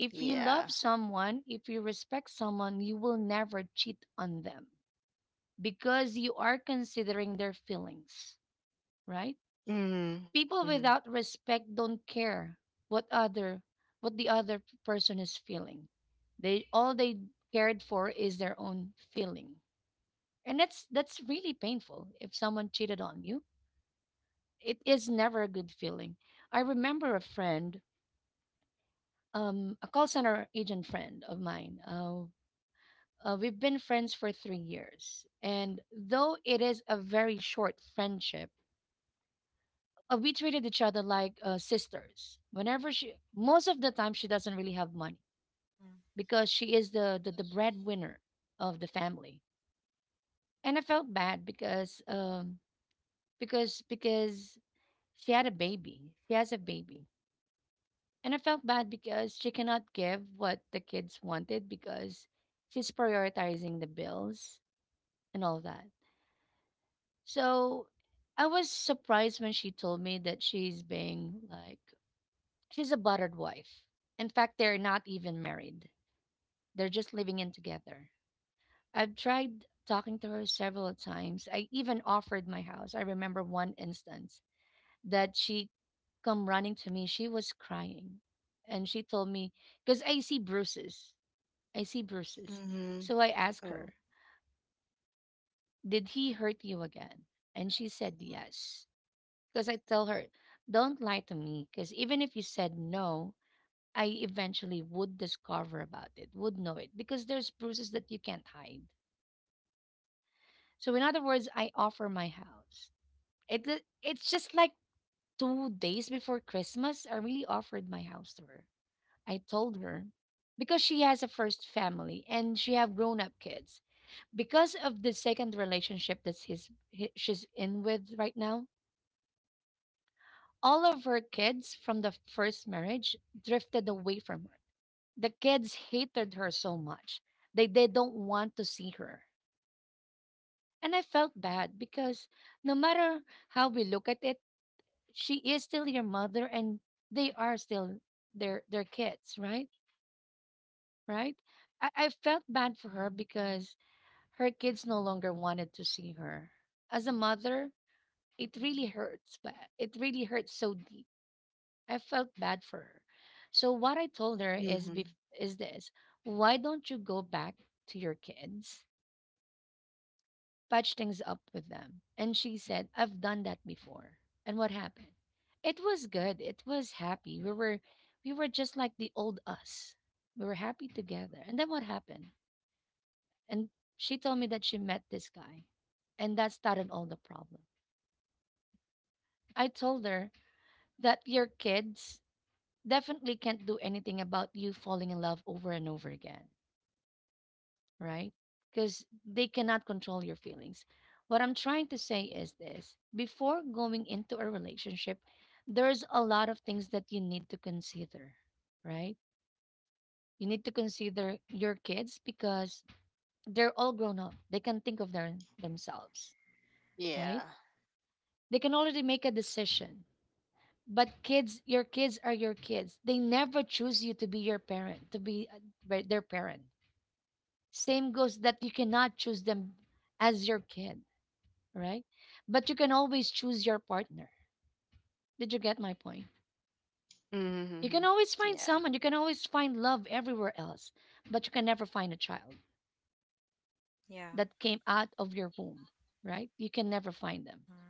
[SPEAKER 1] If you love
[SPEAKER 2] Yeah.
[SPEAKER 1] someone, if you respect someone, you will never cheat on them because you are considering their feelings, right?
[SPEAKER 2] Mhm,
[SPEAKER 1] People
[SPEAKER 2] mhm.
[SPEAKER 1] without respect don't care what other what the other person is feeling. They cared for is their own feeling. And that's really painful if someone cheated on you. It is never a good feeling. I remember a friend, a call center agent friend of mine. We've been friends for 3 years. And though it is a very short friendship, we treated each other like sisters. Whenever most of the time, she doesn't really have money
[SPEAKER 3] Mm-hmm.
[SPEAKER 1] because she is the breadwinner of the family. And I felt bad because, because she had a baby. She has a baby. And I felt bad because she cannot give what the kids wanted because she's prioritizing the bills and all that. So I was surprised when she told me that she's being like, she's a buttered wife. In fact, they're not even married, they're just living in together. I've tried talking to her several times. I even offered my house. I remember one instance that she come running to me. She was crying. And she told me, because I see bruises. I see bruises.
[SPEAKER 2] Mhm.
[SPEAKER 1] So I asked
[SPEAKER 2] Oh.
[SPEAKER 1] her, did he hurt you again? And she said, yes. Because I tell her, don't lie to me. Because even if you said no, I eventually would discover about it, would know it, because there's bruises that you can't hide. So, in other words, I offer my house. It's just like 2 days before Christmas, I really offered my house to her. I told her because she has a first family and she have grown up kids. Because of the second relationship that's she's in with right now, all of her kids from the first marriage drifted away from her. The kids hated her so much. They don't want to see her. And I felt bad because no matter how we look at it, she is still your mother and they are still their kids, right? Right? I felt bad for her because her kids no longer wanted to see her. As a mother, it really hurts, but it really hurts so deep. I felt bad for her. So what I told her is
[SPEAKER 2] Mhm.
[SPEAKER 1] is this: why don't you go back to your kids, patch things up with them? And she said, I've done that before. And what happened? It was good. It was happy. We were just like the old us. We were happy together. And then what happened? And She told me that she met this guy, and that started all the problem. I told her that your kids definitely can't do anything about you falling in love over and over again. Right? Because they cannot control your feelings. What I'm trying to say is this: before going into a relationship, there's a lot of things that you need to consider, right? You need to consider your kids because they're all grown up. They can think of their themselves, right?
[SPEAKER 2] Yeah.
[SPEAKER 1] They can already make a decision. But kids, your kids are your kids. They never choose you to be your parent, to be their parent. Same goes that you cannot choose them as your kid, right? But you can always choose your partner. Did you get my point? You can
[SPEAKER 2] Mhm.
[SPEAKER 1] always find
[SPEAKER 2] Yeah.
[SPEAKER 1] someone, you can always find love everywhere else, but you can never find a child
[SPEAKER 3] Yeah.
[SPEAKER 1] that came out of your womb, right? You can never find them.
[SPEAKER 3] mm-hmm.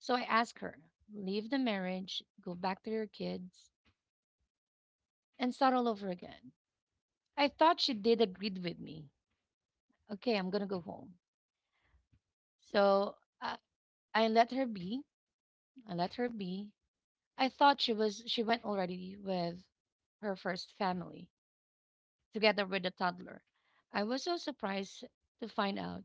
[SPEAKER 1] So I asked her, leave the marriage, go back to your kids, and start all over again. I thought she did agree with me. Okay, I'm gonna go home. So I, I let her be. I let her be. I thought she went already with her first family together with the toddler. I was so surprised to find out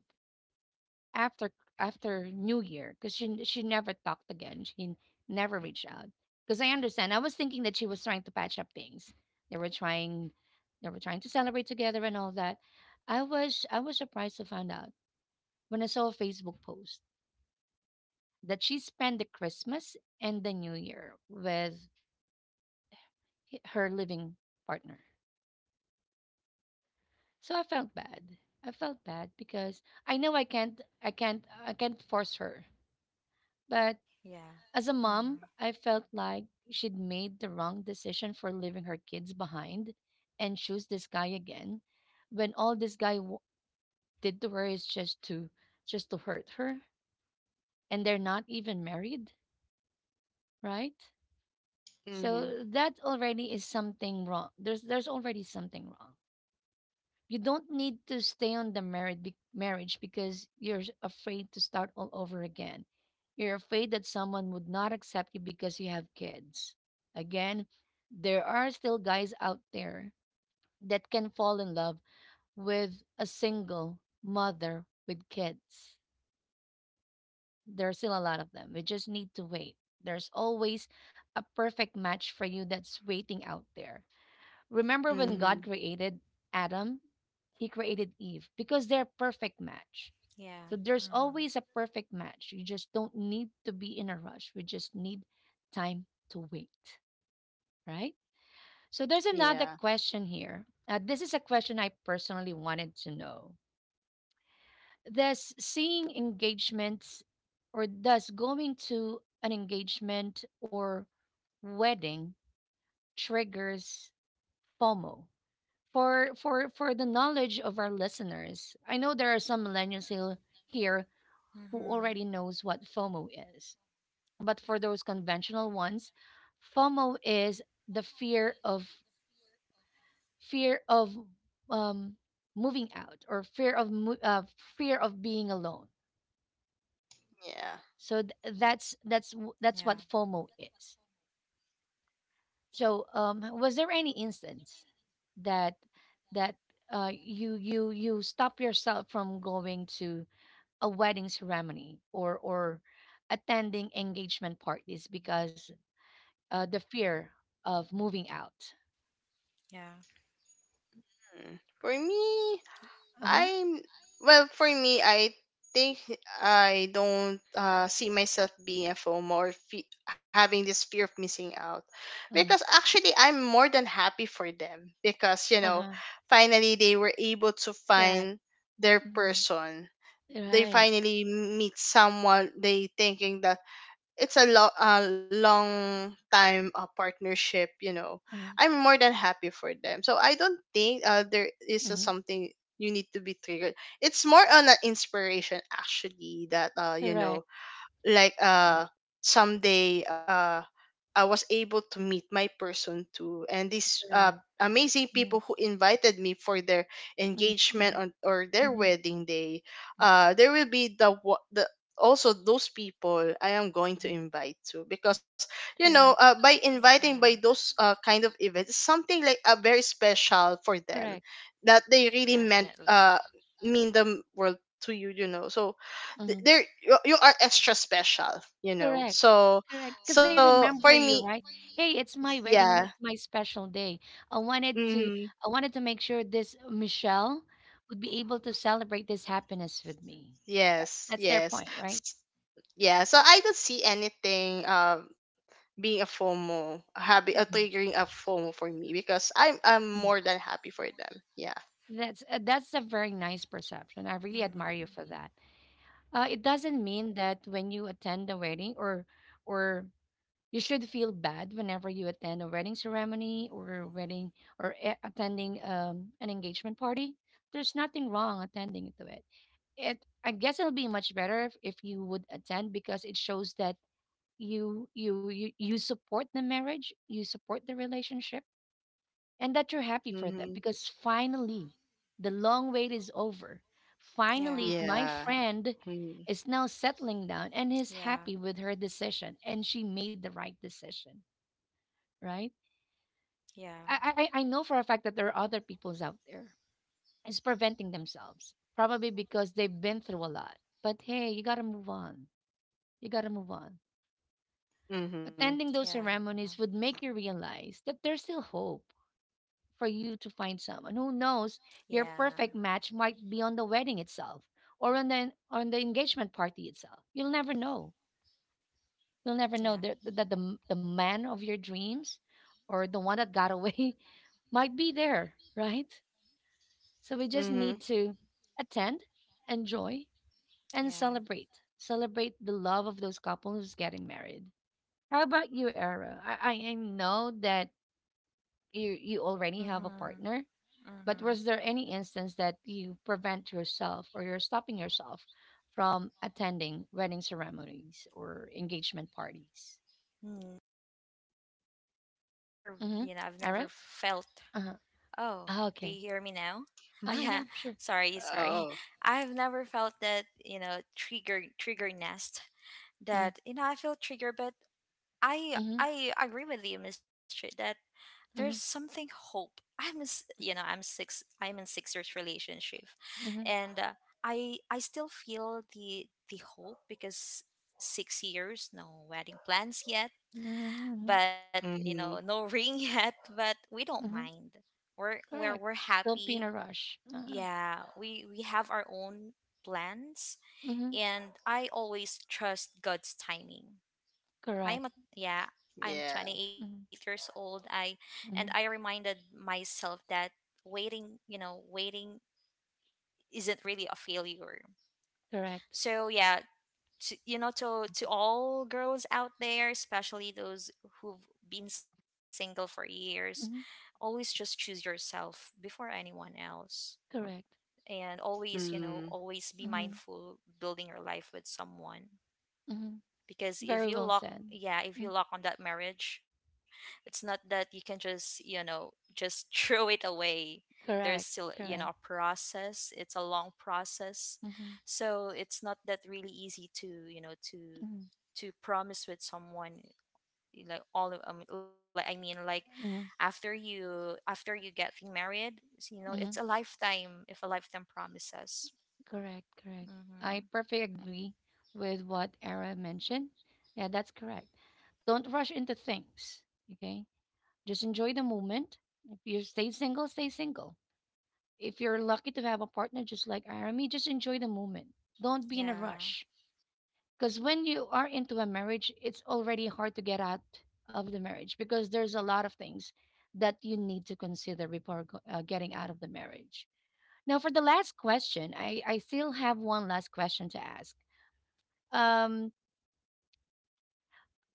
[SPEAKER 1] after after New Year because she never talked again. She never reached out because I understand. I was thinking that she was trying to patch up things. They were trying they were trying to celebrate together and all that. I was surprised to find out when I saw a Facebook post that she spent the Christmas and the New Year with her living partner. So I felt bad. I felt bad because I know I can't force her. But
[SPEAKER 3] Yeah.
[SPEAKER 1] as a
[SPEAKER 3] mm-hmm.
[SPEAKER 1] mom, I felt like she'd made the wrong decision for leaving her kids behind and choose this guy again when all this guy did to her is just to hurt her, and they're not even married, right?
[SPEAKER 2] Mhm.
[SPEAKER 1] So that already is something wrong. There's already something wrong. You don't need to stay on the marriage because you're afraid to start all over again. You're afraid that someone would not accept you because you have kids. Again, there are still guys out there that can fall in love with a single mother with kids. There are still a lot of them. We just need to wait. There's always a perfect match for you that's waiting out there. Remember when God
[SPEAKER 2] Mhm.
[SPEAKER 1] created Adam? He created Eve because they're perfect match.
[SPEAKER 3] Yeah.
[SPEAKER 1] So there's
[SPEAKER 3] mm-hmm.
[SPEAKER 1] always a perfect match. You just don't need to be in a rush. We just need time to wait, right? So there's another
[SPEAKER 2] Yeah.
[SPEAKER 1] question here. This is a question I personally wanted to know. Does seeing engagements or does going to an engagement or wedding triggers FOMO for the knowledge of our listeners. I know there are some millennials here who
[SPEAKER 3] Mm-hmm.
[SPEAKER 1] already knows what FOMO is, but for those conventional ones, FOMO is the fear of um, moving out or fear of fear of being alone.
[SPEAKER 2] Yeah.
[SPEAKER 1] So
[SPEAKER 3] Yeah,
[SPEAKER 1] that's what FOMO is. So was there any instance that that you you stop yourself from going to a wedding ceremony or attending engagement parties because the fear of moving out.
[SPEAKER 3] yeah,
[SPEAKER 2] Hmm. For me,
[SPEAKER 1] Uh-huh.
[SPEAKER 2] I'm well, for me, I think I don't, see myself being a FOMO, or having this fear of missing out, because
[SPEAKER 1] Hmm.
[SPEAKER 2] actually I'm more than happy for them, because you know,
[SPEAKER 1] Uh-huh.
[SPEAKER 2] finally they were able to
[SPEAKER 1] Correct.
[SPEAKER 2] find their
[SPEAKER 1] Hmm.
[SPEAKER 2] person. They
[SPEAKER 1] Right.
[SPEAKER 2] finally meet someone they thinking that it's a, a long time, partnership, you know.
[SPEAKER 1] Hmm.
[SPEAKER 2] I'm more than happy for them, so I don't think, there is a
[SPEAKER 1] Hmm.
[SPEAKER 2] something you need to be triggered. It's more on an inspiration, actually, that, you know,
[SPEAKER 1] Correct.
[SPEAKER 2] like,
[SPEAKER 1] Correct.
[SPEAKER 2] someday, I was able to meet my person too, and these,
[SPEAKER 1] Correct.
[SPEAKER 2] amazing
[SPEAKER 1] Mm-hmm.
[SPEAKER 2] people who invited me for their
[SPEAKER 1] Mm-hmm.
[SPEAKER 2] engagement
[SPEAKER 1] Mm-hmm.
[SPEAKER 2] on, or their
[SPEAKER 1] Mm-hmm.
[SPEAKER 2] wedding day, there will be the the also those people I am going
[SPEAKER 1] Mm-hmm.
[SPEAKER 2] to invite to, because you
[SPEAKER 1] Correct.
[SPEAKER 2] know, by
[SPEAKER 3] yeah.
[SPEAKER 2] inviting by those, kind of events, something like a very special for them,
[SPEAKER 1] Correct.
[SPEAKER 2] that they really meant,
[SPEAKER 3] Definitely.
[SPEAKER 2] mean the world to you, you know. So
[SPEAKER 1] Hmm.
[SPEAKER 2] there you, you are extra special, you know.
[SPEAKER 1] Correct.
[SPEAKER 2] So,
[SPEAKER 1] Correct, because they
[SPEAKER 2] so for
[SPEAKER 1] remember
[SPEAKER 2] me,
[SPEAKER 1] you,
[SPEAKER 3] Mm-hmm.
[SPEAKER 1] right? Hey, it's my wedding.
[SPEAKER 2] yeah.
[SPEAKER 1] It's my special day. I wanted to,
[SPEAKER 2] Hmm.
[SPEAKER 1] I wanted to make sure this Michelle would be able to celebrate this happiness with me.
[SPEAKER 2] Yes,
[SPEAKER 1] That's their
[SPEAKER 2] yes.
[SPEAKER 1] point, right?
[SPEAKER 2] S- yeah, so I don't see anything, being a FOMO, having a
[SPEAKER 1] Mhm,
[SPEAKER 2] triggering a FOMO for me, because I'm
[SPEAKER 1] mhm.
[SPEAKER 2] more than happy for them. Yeah.
[SPEAKER 1] That's a very nice perception. I really admire you
[SPEAKER 3] Mm-hmm.
[SPEAKER 1] for that. It doesn't mean that when you attend the wedding or you should feel bad whenever you attend a wedding ceremony or wedding or attending an engagement party. There's nothing wrong attending to it. It, I guess it'll be much better if you would attend because it shows that you support the marriage, you support the relationship, and that you're happy for them
[SPEAKER 2] Mm-hmm.
[SPEAKER 1] because finally the long wait is over. Finally,
[SPEAKER 3] Yeah.
[SPEAKER 1] my
[SPEAKER 2] Yeah.
[SPEAKER 1] friend
[SPEAKER 2] Mm-hmm.
[SPEAKER 1] is now settling down and is
[SPEAKER 3] Yeah.
[SPEAKER 1] happy with her decision and she made the right decision, right?
[SPEAKER 3] Yeah.
[SPEAKER 1] I know for a fact that there are other peoples out there. It's preventing themselves. Probably because they've been through a lot. But hey, you gotta move on. You gotta move on. Attending those
[SPEAKER 3] Yeah.
[SPEAKER 1] ceremonies would make you realize that there's still hope for you to find someone. Who knows, your
[SPEAKER 3] Yeah.
[SPEAKER 1] perfect match might be on the wedding itself or on the engagement party itself. You'll never know. You'll never know
[SPEAKER 3] Yeah.
[SPEAKER 1] that the man of your dreams or the one that got away might be there, right? So we just
[SPEAKER 2] Mm-hmm.
[SPEAKER 1] need to attend, enjoy, and
[SPEAKER 3] Yeah.
[SPEAKER 1] celebrate. Celebrate the love of those couples who's getting married. How about you, Era? I know that you already have a
[SPEAKER 3] Mm-hmm.
[SPEAKER 1] partner, but
[SPEAKER 3] Mm-hmm.
[SPEAKER 1] was there any instance that you prevent yourself or you're stopping yourself from attending wedding ceremonies or engagement parties?
[SPEAKER 3] Never,
[SPEAKER 1] Mm-hmm.
[SPEAKER 3] I've
[SPEAKER 1] Era?
[SPEAKER 3] never felt.
[SPEAKER 1] Uh-huh.
[SPEAKER 3] Oh,
[SPEAKER 1] Ah,
[SPEAKER 3] do
[SPEAKER 1] okay.
[SPEAKER 3] you hear me now? Oh,
[SPEAKER 1] Ah,
[SPEAKER 3] yeah.
[SPEAKER 1] yeah, sure.
[SPEAKER 3] Sorry. Sorry.
[SPEAKER 2] Oh.
[SPEAKER 3] I've never felt that, trigger nest.
[SPEAKER 1] Mm-hmm.
[SPEAKER 3] I feel triggered, but I
[SPEAKER 1] Mm-hmm.
[SPEAKER 3] I agree with you, Miss Tri, that there's
[SPEAKER 1] Mm-hmm.
[SPEAKER 3] something hope. I'm a s- you know I'm six I'm in 6 years relationship,
[SPEAKER 1] Mm-hmm.
[SPEAKER 3] and I still feel the hope, because 6 years no wedding plans yet,
[SPEAKER 1] Mm-hmm. Mm-hmm.
[SPEAKER 3] but
[SPEAKER 2] Mm-hmm.
[SPEAKER 3] no ring yet, but we don't
[SPEAKER 1] Mm-hmm.
[SPEAKER 3] mind. We're we're
[SPEAKER 1] Correct.
[SPEAKER 3] we're
[SPEAKER 1] Don't be in
[SPEAKER 3] happy.
[SPEAKER 1] a rush.
[SPEAKER 3] Yeah, we have our own plans,
[SPEAKER 1] Mm-hmm.
[SPEAKER 3] and I always trust God's timing.
[SPEAKER 1] Correct.
[SPEAKER 3] I'm a yeah,
[SPEAKER 2] Yeah.
[SPEAKER 3] I'm 28
[SPEAKER 1] Mm-hmm.
[SPEAKER 3] years old. I and I
[SPEAKER 1] Mm-hmm.
[SPEAKER 3] reminded myself that waiting isn't really a failure.
[SPEAKER 1] Correct.
[SPEAKER 3] So yeah, to, you know, to all girls out there, especially those who've been single for years,
[SPEAKER 1] Mm-hmm.
[SPEAKER 3] always just choose yourself before anyone else.
[SPEAKER 1] Correct.
[SPEAKER 3] And always, you know,
[SPEAKER 2] Mm-hmm.
[SPEAKER 3] always be
[SPEAKER 1] Mm-hmm.
[SPEAKER 3] mindful building your life with someone.
[SPEAKER 1] Mm-hmm.
[SPEAKER 3] Because
[SPEAKER 1] Very well said.
[SPEAKER 3] if you
[SPEAKER 1] Mm.
[SPEAKER 3] lock on that marriage, it's not that you can just you know just throw it away. There's still
[SPEAKER 1] Correct.
[SPEAKER 3] a
[SPEAKER 1] Correct.
[SPEAKER 3] process. It's a long process.
[SPEAKER 1] Mm-hmm.
[SPEAKER 3] So, it's not that really easy to you know
[SPEAKER 1] Mm-hmm.
[SPEAKER 3] to promise with someone, like like, I mean, like
[SPEAKER 1] Mm-hmm.
[SPEAKER 3] after you getting married, it's a
[SPEAKER 1] Mm-hmm.
[SPEAKER 3] lifetime, if a lifetime promises.
[SPEAKER 1] Correct. Correct. I
[SPEAKER 3] Mm-hmm.
[SPEAKER 1] perfectly agree with what Era mentioned. Yeah, that's correct. Don't rush into things. Okay. Just enjoy the moment. If you stay single, stay single. If you're lucky to have a partner just like Ara, me, just enjoy the moment. Don't be in a
[SPEAKER 3] Yeah,
[SPEAKER 1] rush. Because when you are into a marriage, it's already hard to get out of the marriage because there's a lot of things that you need to consider before getting out of the marriage. Now, for the last question, I still have one last question to ask. Um,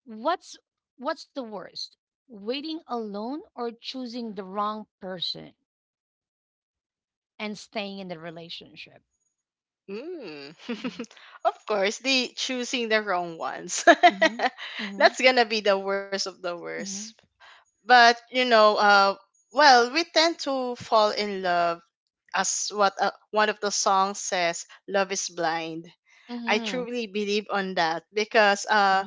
[SPEAKER 1] what's what's the worst? Waiting alone or choosing the wrong person and staying in the relationship?
[SPEAKER 2] Mm.
[SPEAKER 1] Mm-hmm.
[SPEAKER 2] Of course, they choosing the wrong ones.
[SPEAKER 1] Mm-hmm.
[SPEAKER 2] That's gonna be the worst of the worst.
[SPEAKER 1] Mm-hmm.
[SPEAKER 2] But you know, well, we tend to fall in love, as what, one of the songs says, "Love is blind." I
[SPEAKER 1] Mm-hmm.
[SPEAKER 2] truly believe on that because,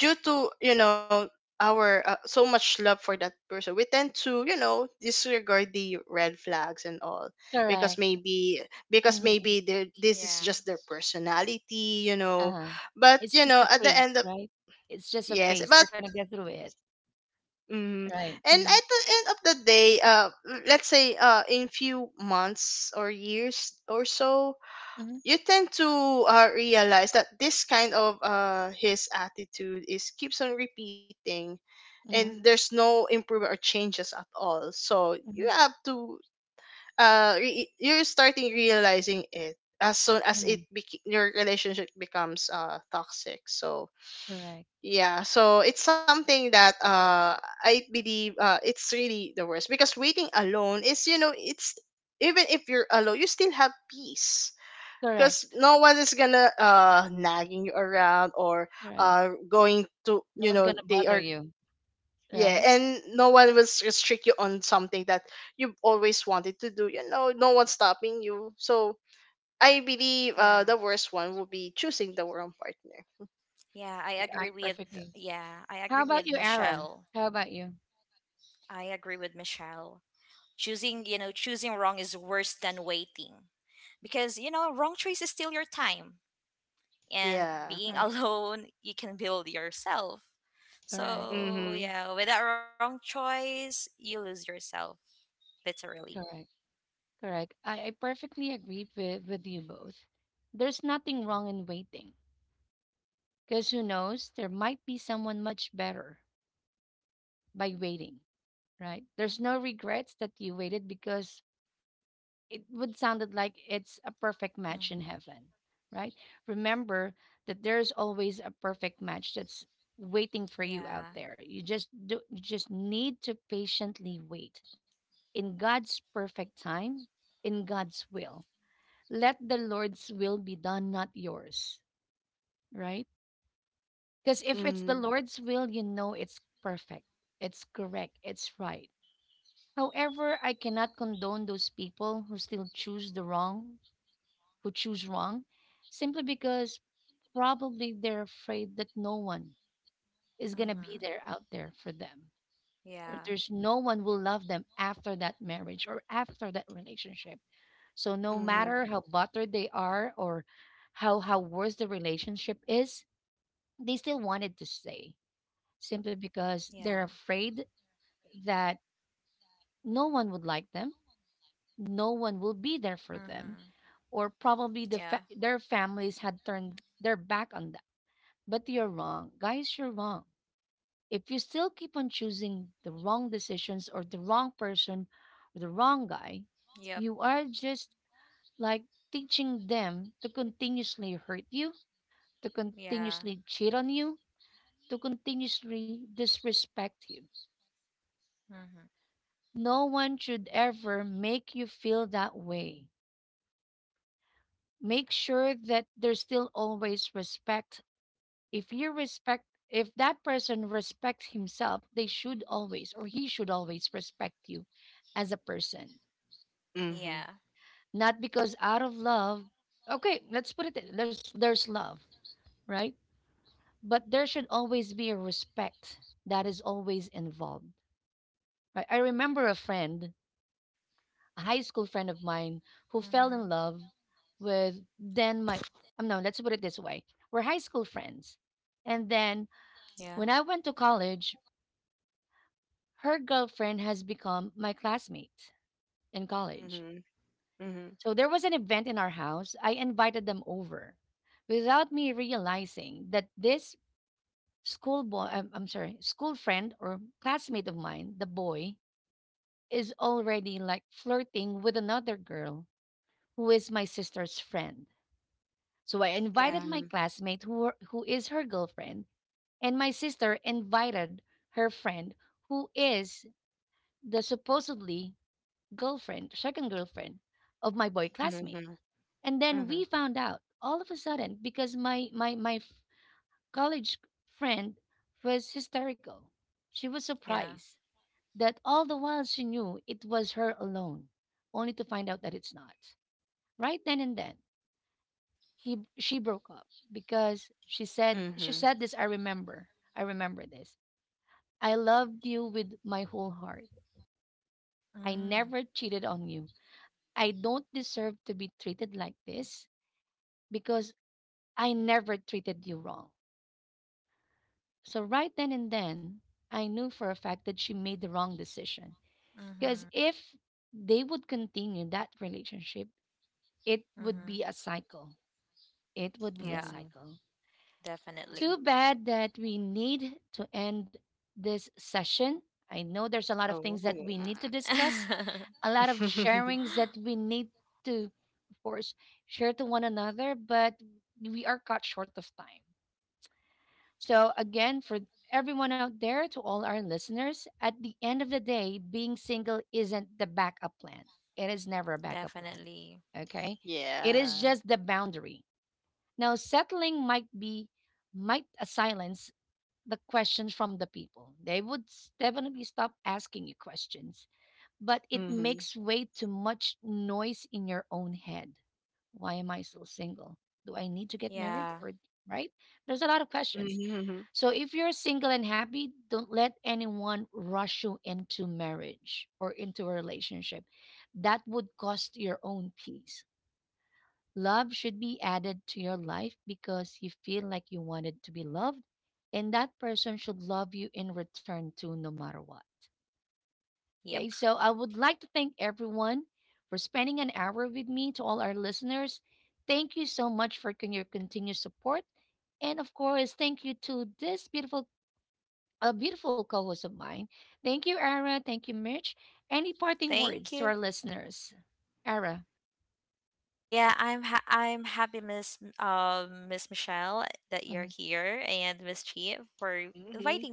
[SPEAKER 2] due to, you know, our, so much love for that person, we tend to, you know, disregard the red flags and all, because
[SPEAKER 1] Correct.
[SPEAKER 2] maybe, because
[SPEAKER 1] Mm-hmm.
[SPEAKER 2] maybe this is
[SPEAKER 3] yeah,
[SPEAKER 2] just their personality, you know.
[SPEAKER 1] Uh-huh.
[SPEAKER 2] But
[SPEAKER 1] It's
[SPEAKER 2] you
[SPEAKER 1] just
[SPEAKER 2] know,
[SPEAKER 1] a
[SPEAKER 2] at the
[SPEAKER 1] phase,
[SPEAKER 2] end of,
[SPEAKER 1] right? It's just a
[SPEAKER 2] yes
[SPEAKER 1] phase.
[SPEAKER 2] but,
[SPEAKER 1] They're gonna get through it,
[SPEAKER 2] mm,
[SPEAKER 1] right?
[SPEAKER 2] and at
[SPEAKER 1] Mm-hmm.
[SPEAKER 2] the end of the day, let's say, in few months or years or so,
[SPEAKER 1] Mm-hmm.
[SPEAKER 2] you tend to, realize that this kind of, his attitude is keeps on repeating, and
[SPEAKER 1] Mm-hmm.
[SPEAKER 2] there's no improvement or changes at all. So you
[SPEAKER 1] Mm-hmm.
[SPEAKER 2] have to, you're starting realizing it as soon as
[SPEAKER 1] Hmm.
[SPEAKER 2] your relationship becomes, toxic. So
[SPEAKER 1] Correct.
[SPEAKER 2] yeah, so it's something that, I believe, it's really the worst, because waiting alone is, you know, it's, even if you're alone you still have peace, because
[SPEAKER 1] Correct.
[SPEAKER 2] no one is gonna, nagging you around, or,
[SPEAKER 1] Correct.
[SPEAKER 2] going to,
[SPEAKER 1] No
[SPEAKER 2] you
[SPEAKER 1] one's
[SPEAKER 2] know,
[SPEAKER 1] gonna
[SPEAKER 2] they
[SPEAKER 1] bother
[SPEAKER 2] are,
[SPEAKER 1] you,
[SPEAKER 2] yeah,
[SPEAKER 1] right?
[SPEAKER 2] and no one will restrict you on something that you've always wanted to do. You know, no one's stopping you. So I believe,
[SPEAKER 3] yeah,
[SPEAKER 2] the worst one would be choosing the wrong partner.
[SPEAKER 3] yeah, I
[SPEAKER 1] Okay, I
[SPEAKER 3] agree with
[SPEAKER 1] perfectly.
[SPEAKER 3] yeah, I
[SPEAKER 1] How
[SPEAKER 3] agree
[SPEAKER 1] about
[SPEAKER 3] with
[SPEAKER 1] you, Ara?
[SPEAKER 3] Michelle.
[SPEAKER 1] How about you?
[SPEAKER 3] I agree with Michelle. Choosing wrong is worse than waiting, because, wrong choice is still your time, and
[SPEAKER 2] Yeah.
[SPEAKER 3] being
[SPEAKER 1] Right.
[SPEAKER 3] alone, you can build yourself. So,
[SPEAKER 1] Correct.
[SPEAKER 2] Mhm.
[SPEAKER 1] Correct. Correct. I perfectly agree with you both. There's nothing wrong in waiting, because who knows? There might be someone much better by waiting, right? There's no regrets that you waited because it would sounded like it's a perfect match in heaven, right? Remember that there's always a perfect match that's waiting for you out there. You just need to patiently wait in God's perfect time, in God's will. Let the Lord's will be done, not yours, right? Because if it's the
[SPEAKER 2] Mhm.
[SPEAKER 1] Lord's will, you know it's perfect, it's correct, it's right. However, I cannot condone those people who still choose the wrong who choose wrong simply because probably they're afraid that no one is going to be there out there for them or there's no one will love them after that marriage or after that relationship, so no
[SPEAKER 2] Mhm.
[SPEAKER 1] matter how buttered they are or how worse the relationship is, they still wanted to stay simply because they're afraid that no one would like them, no one will be there for them, or probably the their families had turned their back on them. But you're wrong. Guys, you're wrong. If you still keep on choosing the wrong decisions or the wrong person or the wrong guy, you are just like teaching them to continuously hurt you, to continuously cheat on you, to continuously disrespect you. No one should ever make you feel that way. Make sure that there's still always respect. If you respect, if that person respects himself, they should always or he should always respect you as a person,
[SPEAKER 2] Mhm.
[SPEAKER 1] not because out of love. Okay, let's put it there's love, right? But there should always be a respect that is always involved, right? I remember a friend, a high school friend of mine, who fell in love with then my no, let's put it this way: we're high school friends, and then when I went to college, her girlfriend has become my classmate in college.
[SPEAKER 2] Mhm.
[SPEAKER 1] So there was an event in our house. I invited them over without me realizing that this school boy, I'm sorry, school friend or classmate of mine, the boy, is already like flirting with another girl who is my sister's friend. So I invited my
[SPEAKER 2] Mhm.
[SPEAKER 1] classmate who is her girlfriend, and my sister invited her friend who is the supposedly second girlfriend of my boy classmate.
[SPEAKER 2] Mhm.
[SPEAKER 1] And then we
[SPEAKER 2] Mhm.
[SPEAKER 1] found out all of a sudden because college friend was hysterical. She was surprised that all the while she knew it was her alone, only to find out that it's not. Right then and then, he she broke up because
[SPEAKER 2] Mhm.
[SPEAKER 1] she
[SPEAKER 2] Mhm.
[SPEAKER 1] said this, I remember. I remember this. I loved you with my whole heart. I never cheated on you. I don't deserve to be treated like this. Because I never treated you wrong. So, right then and then, I knew for a fact that she made the wrong decision. Because if they would continue that relationship, it would be a cycle. It would be a
[SPEAKER 2] Mhm.
[SPEAKER 1] cycle. Too bad that we need to end this session. I know there's a lot of
[SPEAKER 2] Oh.
[SPEAKER 1] things that we need to discuss, a lot of sharings that we need to, of course, share to one another, but we are cut short of time. So, again, for everyone out there, to all our listeners, at the end of the day, being single isn't the backup plan. It is never a backup plan. Okay? It is
[SPEAKER 2] Yeah.
[SPEAKER 1] just the boundary. Now, settling might be, might silence the questions from the people. They would definitely stop asking you questions, but it
[SPEAKER 2] Mhm.
[SPEAKER 1] makes way too much noise in your own head. Why am I still single? Do I need to get married? Or, right? There's a lot of questions.
[SPEAKER 2] Mhm.
[SPEAKER 1] So if you're single and happy, don't let anyone rush you into marriage or into a relationship. That would cost your own peace. Love should be added to your life because you feel like you wanted to be loved, and that person should love you in return too, no matter what. Okay, so I would like to thank everyone for spending an hour with me. To all our listeners, thank you so much for your continued support. And of course, thank you to this beautiful a beautiful co-host of mine. Thank you, Ara. Thank you, Mitch. Any parting words to our listeners? Ara. Mhm.
[SPEAKER 2] Mhm.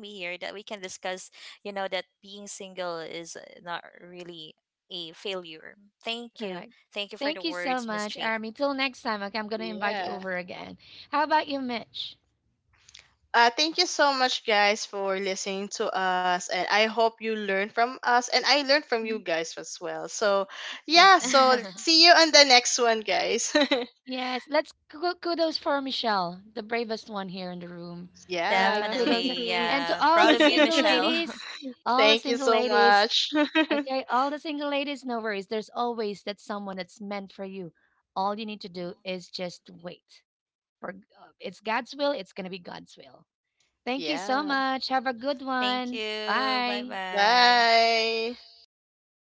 [SPEAKER 1] Correct. Thank you so much, Army. Till next time, okay, I'm gonna invite you
[SPEAKER 2] Yeah.
[SPEAKER 1] over again. How about you, Mitch?
[SPEAKER 2] Thank you so much, guys, for listening to us. And I hope you learn from us. And I learned from you
[SPEAKER 1] Mhm.
[SPEAKER 2] guys as well. So, yeah.
[SPEAKER 1] Perfect.
[SPEAKER 2] So, see you on the next one, guys.
[SPEAKER 1] Yes, let's kudos for Michelle, the bravest one here in the room, right?
[SPEAKER 2] Yeah.
[SPEAKER 1] Kudos, and to all the single ladies, all the
[SPEAKER 2] Thank you
[SPEAKER 1] single
[SPEAKER 2] so
[SPEAKER 1] ladies.
[SPEAKER 2] much.
[SPEAKER 1] Okay, all the single ladies, no worries. There's always that someone that's meant for you. All you need to do is just wait. For it's God's will, it's going to be God's will. Thank you so
[SPEAKER 2] Yeah.
[SPEAKER 1] much. Have a good one. Bye.
[SPEAKER 2] Bye.